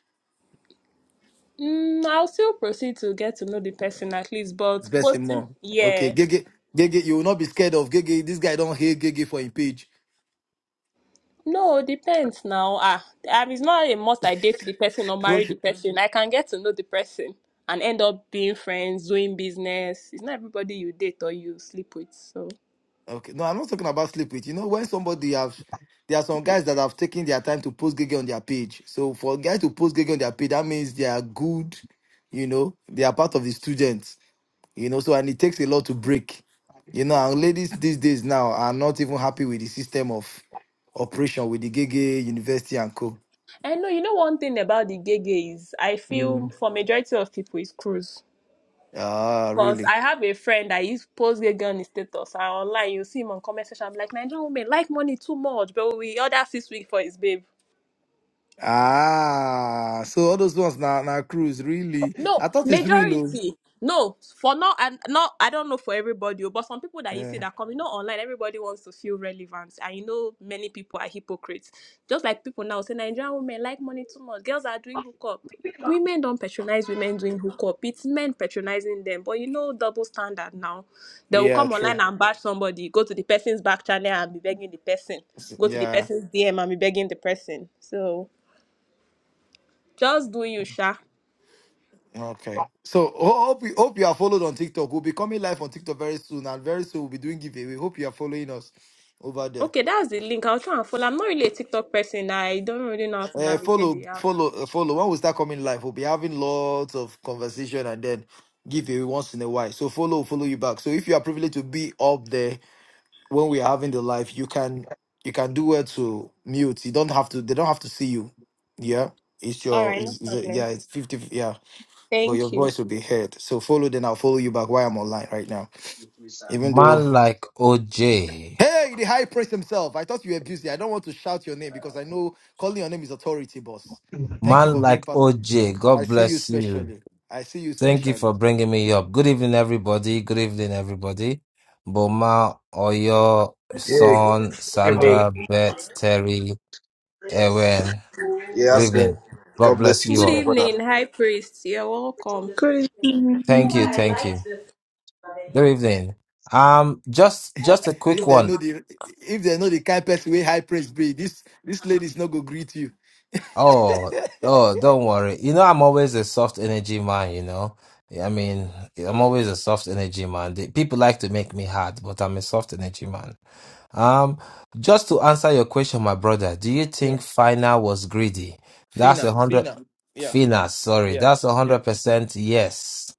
[SPEAKER 3] Mm, I'll still proceed to get to know the person at least,
[SPEAKER 1] It's
[SPEAKER 3] but
[SPEAKER 1] Best and
[SPEAKER 3] posting
[SPEAKER 1] more. Okay,
[SPEAKER 3] yeah.
[SPEAKER 1] Gigi, Gigi, you will not be scared of Gigi. This guy don't hate Gigi for his page.
[SPEAKER 3] No, depends now. Ah, um, it's not a must I date the person or marry the
[SPEAKER 1] okay,
[SPEAKER 3] person. I can get to know the person and end up being friends, doing business. It's not everybody you date or you sleep with. So,
[SPEAKER 1] no, I'm not talking about sleep with. You know, when somebody have, there are some guys that have taken their time to post Gigi on their page. So for a guy to post Gigi on their page, that means they are good. You know, they are part of the students. you know so and it takes a lot to break you know and ladies these days now are not even happy with the system of operation with the gege university and co
[SPEAKER 3] and no, you know one thing about the gay gay is I feel
[SPEAKER 1] Mm.
[SPEAKER 3] for majority of people it's cruise.
[SPEAKER 1] ah
[SPEAKER 3] Cause
[SPEAKER 1] really
[SPEAKER 3] I have a friend that used to post gay girl on his status and online you see him on comment section. I'm like Nigerian women like money too much, but we order six week for his babe.
[SPEAKER 1] ah so all those ones now now cruise really
[SPEAKER 3] No,
[SPEAKER 1] i thought it's real oh.
[SPEAKER 3] majority. No, for now, and not I don't know for everybody, oh, but some people that you see
[SPEAKER 1] yeah
[SPEAKER 3] that come, you know, online, everybody wants to feel relevant, and you know, many people are hypocrites. Just like people now say Nigerian women like money too much, girls are doing hookup. Women don't patronize women doing hookup. It's men patronizing them, but you know, double standard now. They will
[SPEAKER 1] yeah
[SPEAKER 3] come
[SPEAKER 1] true
[SPEAKER 3] online and bash somebody, go to the person's back channel and be begging the person,
[SPEAKER 1] S-
[SPEAKER 3] go to the
[SPEAKER 1] yeah
[SPEAKER 3] person's DM and be begging the person. So just do you, Sha.
[SPEAKER 1] okay so ho- hope you hope you are followed on tiktok we'll be coming live on tiktok very soon and very soon we'll be doing giveaway hope you are following us over there
[SPEAKER 3] Okay, that's the link. I'll try and follow. I'm not really a TikTok person. I don't really know how to
[SPEAKER 1] Uh,
[SPEAKER 3] navigate
[SPEAKER 1] follow,
[SPEAKER 3] the app.
[SPEAKER 1] follow, uh, follow. When we start coming live, we'll be having lots of conversation and then give you once in a while. So follow, follow you back. So if you are privileged to be up there when we are having the live, you can you can do well to mute. You don't have to. They don't have to see you. Yeah, it's
[SPEAKER 3] All
[SPEAKER 1] your
[SPEAKER 3] right, no
[SPEAKER 1] it's, it's a- yeah.
[SPEAKER 3] problem.
[SPEAKER 1] It's fifty. Yeah, but your
[SPEAKER 3] Thank you.
[SPEAKER 1] voice will be heard. So follow. Then I'll follow you back while I'm online right now. Even though.
[SPEAKER 9] Man like OJ.
[SPEAKER 1] Hey, the high priest himself. I thought you were busy. I don't want to shout your name because I know calling your name is authority, boss. Thank you for
[SPEAKER 9] Man
[SPEAKER 1] being
[SPEAKER 9] like
[SPEAKER 1] part.
[SPEAKER 9] OJ.
[SPEAKER 1] I
[SPEAKER 9] God
[SPEAKER 1] see you
[SPEAKER 9] bless you.
[SPEAKER 1] specially. I see you
[SPEAKER 9] Thank you
[SPEAKER 1] specially.
[SPEAKER 9] for bringing me up. Good evening, everybody. Good evening, everybody. Boma, Oyo,
[SPEAKER 2] Hey, good
[SPEAKER 9] Son,
[SPEAKER 2] evening.
[SPEAKER 9] Sandra, Beth, Terry, Ewen.
[SPEAKER 2] Yeah,
[SPEAKER 9] Good
[SPEAKER 2] that's good.
[SPEAKER 9] evening. God
[SPEAKER 2] God bless
[SPEAKER 9] bless
[SPEAKER 2] you
[SPEAKER 9] you
[SPEAKER 3] Good
[SPEAKER 2] too, my
[SPEAKER 9] all.
[SPEAKER 2] brother.
[SPEAKER 3] evening, High Priest. You're welcome.
[SPEAKER 9] Thank you.
[SPEAKER 6] Crazy.
[SPEAKER 9] Thank you. Good evening. Um, just just a quick
[SPEAKER 1] If they
[SPEAKER 9] one.
[SPEAKER 1] know the if they know the kind person way high praise be, this this lady is not gonna greet you.
[SPEAKER 9] Oh, oh, don't worry. You know, I'm always a soft energy man, you know. I mean, I'm
[SPEAKER 1] Um,
[SPEAKER 9] always a soft energy man. The, people like to make me hard, but I'm a soft energy man. Um, just to answer your question, my brother, do you
[SPEAKER 1] yeah.
[SPEAKER 9] think Fina was greedy? That's a
[SPEAKER 1] Fina.
[SPEAKER 9] hundred,
[SPEAKER 1] Fina. Yeah.
[SPEAKER 9] Fina, sorry,
[SPEAKER 1] Yeah.
[SPEAKER 9] that's a hundred
[SPEAKER 1] Yeah.
[SPEAKER 9] percent yes.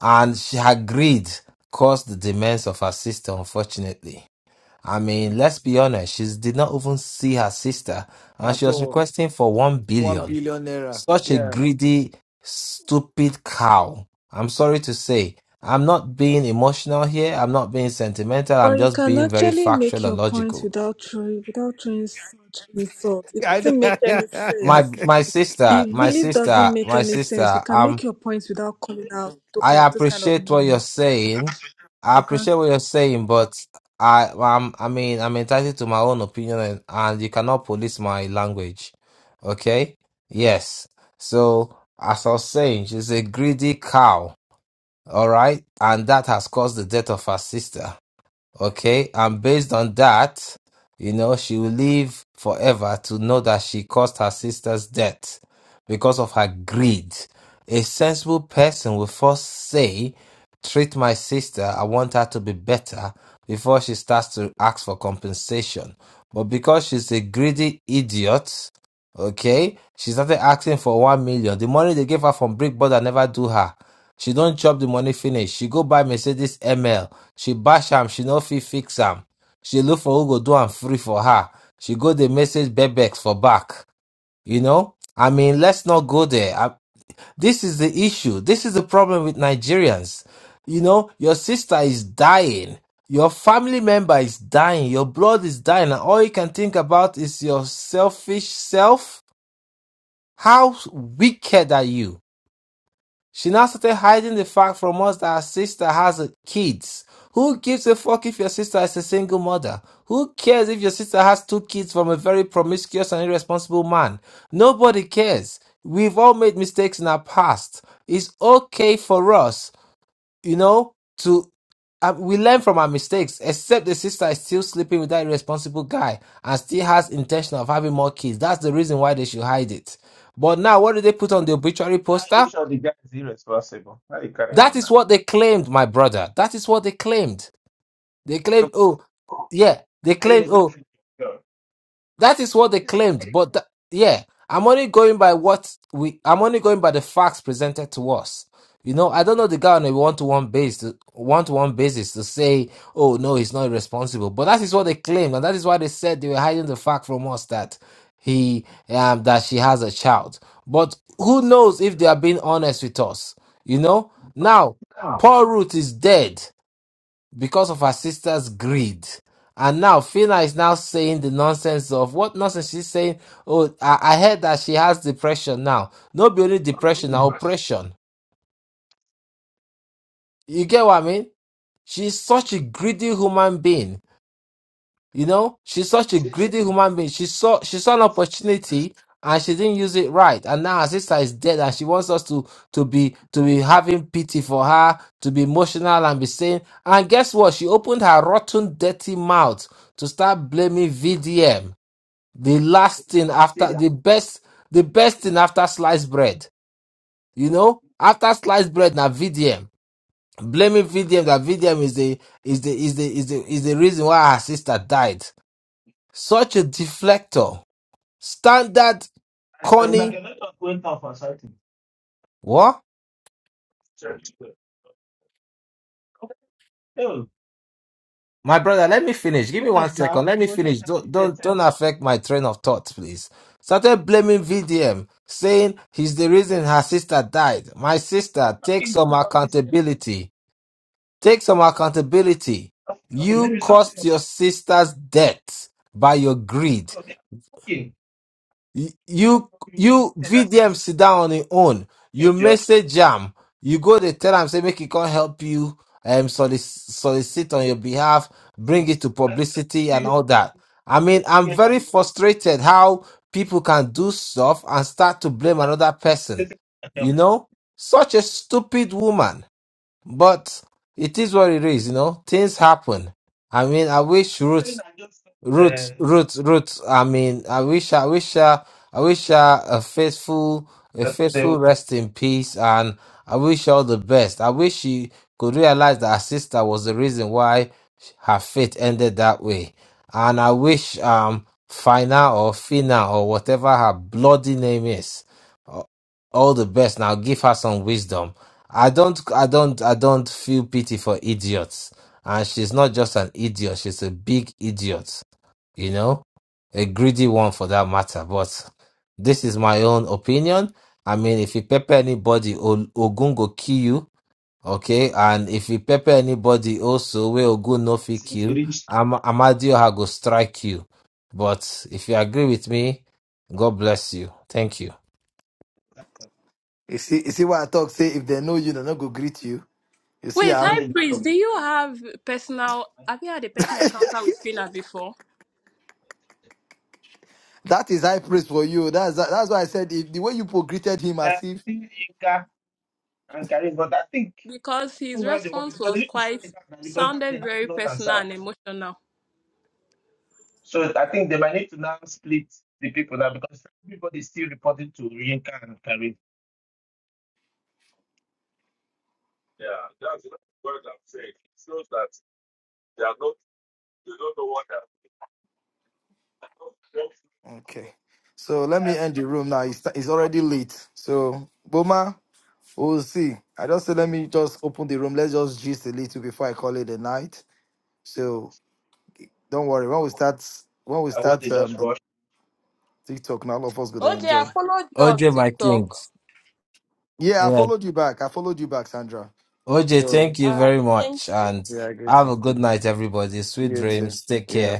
[SPEAKER 9] And she, her greed caused the demands of her sister, unfortunately. I mean, let's be honest, she did not even see her sister and
[SPEAKER 1] At
[SPEAKER 9] she was
[SPEAKER 1] all.
[SPEAKER 9] requesting for 1
[SPEAKER 1] One
[SPEAKER 9] billion
[SPEAKER 1] billion naira.
[SPEAKER 9] such a
[SPEAKER 1] Yeah.
[SPEAKER 9] greedy, stupid cow. I'm sorry to say. I'm not being emotional here. I'm not being sentimental.
[SPEAKER 6] Or
[SPEAKER 9] I'm
[SPEAKER 6] you
[SPEAKER 9] just
[SPEAKER 6] can
[SPEAKER 9] being very
[SPEAKER 6] actually make
[SPEAKER 9] factual and
[SPEAKER 6] your point
[SPEAKER 9] logical.
[SPEAKER 6] without throwing without throwing so much insult. It
[SPEAKER 1] I
[SPEAKER 6] doesn't
[SPEAKER 1] know.
[SPEAKER 6] make any
[SPEAKER 9] My
[SPEAKER 6] sense.
[SPEAKER 9] my sister,
[SPEAKER 6] It
[SPEAKER 9] my
[SPEAKER 6] really doesn't
[SPEAKER 9] sister,
[SPEAKER 6] make
[SPEAKER 9] my
[SPEAKER 6] any sense. You
[SPEAKER 9] sister,
[SPEAKER 6] can
[SPEAKER 9] um
[SPEAKER 6] make your points without calling out those
[SPEAKER 9] I
[SPEAKER 6] kind, those kind of
[SPEAKER 9] appreciate what you're
[SPEAKER 6] names.
[SPEAKER 9] saying. I appreciate what you're saying, but I um I mean I'm entitled to my own opinion and, and you cannot police my language. Okay? Yes. So as I was saying, she's a greedy cow All right. And that has caused the death of her sister. Okay, and based on that, you know, she will live forever to know that she caused her sister's death because of her greed. A sensible person will first say, Treat my sister, I want her to be better, before she starts to ask for compensation. But because she's a greedy idiot, okay, she started asking for one million. The money they gave her from Brick Brother never do her. She don't chop the money finish. She go buy Mercedes ML she bash am, she no fit fix am. She look for who go do am free for her. She go dey message Bebex for back. You know? I mean, let's not go there. I, this is the issue. This is the problem with Nigerians. You know, your sister is dying. Your family member is dying. Your blood is dying. And all you can think about is your selfish self. How wicked are you? She now started hiding the fact from us that her sister has a kids. Who gives a fuck if your sister is a single mother? Who cares if your sister has two kids from a very promiscuous and irresponsible man? Nobody cares. We've all made mistakes in our past. It's okay for us, you know, to uh, we learn from our mistakes, except the sister is still sleeping with that irresponsible guy and still has intention of having more kids. That's the reason why they should hide it. But now, what do they put on the obituary
[SPEAKER 5] Ah, you
[SPEAKER 9] poster?
[SPEAKER 5] sure the guy is irresponsible. Why are you carrying
[SPEAKER 9] That
[SPEAKER 5] on now?
[SPEAKER 9] is what they claimed, my brother. That is what they claimed. They claimed,
[SPEAKER 5] So,
[SPEAKER 9] oh, yeah, they
[SPEAKER 5] they
[SPEAKER 9] claimed,
[SPEAKER 5] need
[SPEAKER 9] oh,
[SPEAKER 5] to go.
[SPEAKER 9] that is what they claimed, but th- yeah, I'm only going by what we. I'm only going by the facts presented to us. You know, I don't know the guy on a one-to-one basis, one-to-one basis to say, "Oh no, he's not responsible." But that is what they claimed, and that is why they said they were hiding the fact from us that he, um, that she has a child. But who knows if they are being honest with us? You know, now
[SPEAKER 5] Ah,
[SPEAKER 9] Paul Root is dead because of her sister's greed. And now Fina is now saying the nonsense of what nonsense she's saying. Oh, I, I heard that she has depression now. Not only depression, now oppression. You get what I mean? She's such a greedy human being. You know, she's such a
[SPEAKER 5] she's not
[SPEAKER 9] greedy human being. She saw she saw an
[SPEAKER 5] irresponsible.
[SPEAKER 9] opportunity and she didn't use it right. And now her sister is dead and she wants us to to be to be having pity for her, to be emotional and be saying and guess what? She opened her rotten, dirty mouth to start blaming VDM. The last thing
[SPEAKER 5] Last
[SPEAKER 9] after
[SPEAKER 5] year.
[SPEAKER 9] the best the best thing after sliced bread. You know? After sliced bread now VDM. Blaming VDM that VDM is the is the is the is the is the reason why her sister died such a deflector.
[SPEAKER 5] Yeah,
[SPEAKER 9] Standard
[SPEAKER 5] I, I like
[SPEAKER 9] corny.
[SPEAKER 5] a network went off or something.
[SPEAKER 9] What?
[SPEAKER 5] Sure. Okay, so, you
[SPEAKER 9] My brother, let me finish. Give me one
[SPEAKER 5] muted now.
[SPEAKER 9] second. Let
[SPEAKER 5] He
[SPEAKER 9] me
[SPEAKER 5] was
[SPEAKER 9] finish.
[SPEAKER 5] not
[SPEAKER 9] Don't
[SPEAKER 5] muted.
[SPEAKER 9] don't
[SPEAKER 5] then.
[SPEAKER 9] don't affect my train of thought, please. Started blaming VDM, saying he's the reason her sister died. My
[SPEAKER 5] Oh,
[SPEAKER 9] sister, take
[SPEAKER 5] Talking
[SPEAKER 9] some
[SPEAKER 5] to public
[SPEAKER 9] accountability. Take some accountability.
[SPEAKER 5] after
[SPEAKER 9] You
[SPEAKER 5] maybe something.
[SPEAKER 9] caused your sister's death by your greed.
[SPEAKER 5] Oh, they are talking.
[SPEAKER 9] Y-
[SPEAKER 5] Like,
[SPEAKER 9] You
[SPEAKER 5] we You were
[SPEAKER 9] you
[SPEAKER 5] muted. I said,
[SPEAKER 9] VDM sit down on your own. You
[SPEAKER 5] catch your
[SPEAKER 9] message jam. You go to tell am say make he come help you um solic- solicit on your behalf,
[SPEAKER 5] thing.
[SPEAKER 9] bring it to
[SPEAKER 5] I said,
[SPEAKER 9] publicity
[SPEAKER 5] you
[SPEAKER 9] and
[SPEAKER 5] were doing
[SPEAKER 9] all that. I mean,
[SPEAKER 5] the
[SPEAKER 9] I'm
[SPEAKER 5] game and
[SPEAKER 9] very
[SPEAKER 5] you were-
[SPEAKER 9] frustrated how people can do stuff and start to blame another person.
[SPEAKER 5] yeah,
[SPEAKER 9] You know, such a stupid woman. But it is what it is. You know, things happen. I mean, I wish Ruth.
[SPEAKER 5] saying I just
[SPEAKER 9] Ruth,
[SPEAKER 5] uh,
[SPEAKER 9] Ruth, Ruth. I mean, I wish, I wish her, I wish her a faithful, a
[SPEAKER 5] that they
[SPEAKER 9] faithful
[SPEAKER 5] will
[SPEAKER 9] rest in peace, and I wish her all the best. I wish she could realize that her sister was the reason why her fate ended that way, and I wish um Fina or Fina or whatever her bloody name is, a- all the best. Now give her some wisdom. I don't, I don't, I don't feel pity for idiots, and she's not just an idiot; she's a big idiot you know, a greedy one for that matter. But this is my own opinion. I mean, if you pepper anybody, O- Ogun go kill you, okay? And if you pepper anybody also, where Ogun no fit
[SPEAKER 5] see it
[SPEAKER 9] kill,
[SPEAKER 5] reached.
[SPEAKER 9] Am- Amadioha go strike you. But if you agree with me, God bless you. Thank you.
[SPEAKER 1] you see, you see what I talk say if they know you, they're not gonna greet you. You see,
[SPEAKER 3] Wait,
[SPEAKER 5] Yeah, I
[SPEAKER 1] um,
[SPEAKER 3] High
[SPEAKER 5] don't know
[SPEAKER 3] Priest, do
[SPEAKER 5] from.
[SPEAKER 3] you have personal? Have you had a personal encounter with Fina before?
[SPEAKER 1] that is high praise for you. That's that's why I said if, the way you po- greeted him
[SPEAKER 5] I
[SPEAKER 1] as if
[SPEAKER 5] think Inca and Karim, but I think
[SPEAKER 3] Because
[SPEAKER 5] that's
[SPEAKER 3] his
[SPEAKER 5] not how they want
[SPEAKER 3] response
[SPEAKER 5] because they
[SPEAKER 3] was
[SPEAKER 5] need to
[SPEAKER 3] quite
[SPEAKER 5] split that now because now they
[SPEAKER 3] sounded
[SPEAKER 5] have
[SPEAKER 3] very
[SPEAKER 5] north and
[SPEAKER 3] personal and
[SPEAKER 5] south.
[SPEAKER 3] emotional.
[SPEAKER 5] So I think they might need to now split the people now because everybody is still reporting to Yinka and Karim. Yeah, that's what I'm saying. It shows that they are not, they don't know what they're
[SPEAKER 1] Okay. So let
[SPEAKER 5] Yeah,
[SPEAKER 1] me
[SPEAKER 5] it's
[SPEAKER 1] end the
[SPEAKER 5] just
[SPEAKER 1] room now.
[SPEAKER 5] because
[SPEAKER 1] It's,
[SPEAKER 5] sometimes
[SPEAKER 1] it's
[SPEAKER 5] they
[SPEAKER 1] already
[SPEAKER 5] rush.
[SPEAKER 1] late. So, Boma, we'll see. I just said, let me just open the room. Let's just gist a little before I call it a night. So, don't worry. When we start, when we
[SPEAKER 5] Like what
[SPEAKER 1] start
[SPEAKER 5] they
[SPEAKER 1] um,
[SPEAKER 5] just
[SPEAKER 1] the
[SPEAKER 5] rush.
[SPEAKER 1] TikTok, now all of us going to
[SPEAKER 3] OJ, I
[SPEAKER 1] enjoy.
[SPEAKER 3] followed you on
[SPEAKER 9] OJ, my
[SPEAKER 3] TikTok.
[SPEAKER 9] kings.
[SPEAKER 1] Yeah, I
[SPEAKER 9] Yeah.
[SPEAKER 1] followed you back. I followed you back, Sandra.
[SPEAKER 9] OJ,
[SPEAKER 1] So,
[SPEAKER 9] thank you
[SPEAKER 3] All right,
[SPEAKER 9] very
[SPEAKER 3] thank
[SPEAKER 9] much.
[SPEAKER 3] you.
[SPEAKER 9] And
[SPEAKER 1] yeah, I agree.
[SPEAKER 9] have a good night, everybody.
[SPEAKER 1] You
[SPEAKER 9] Sweet
[SPEAKER 1] You too.
[SPEAKER 9] dreams. Take
[SPEAKER 1] Yeah.
[SPEAKER 9] care.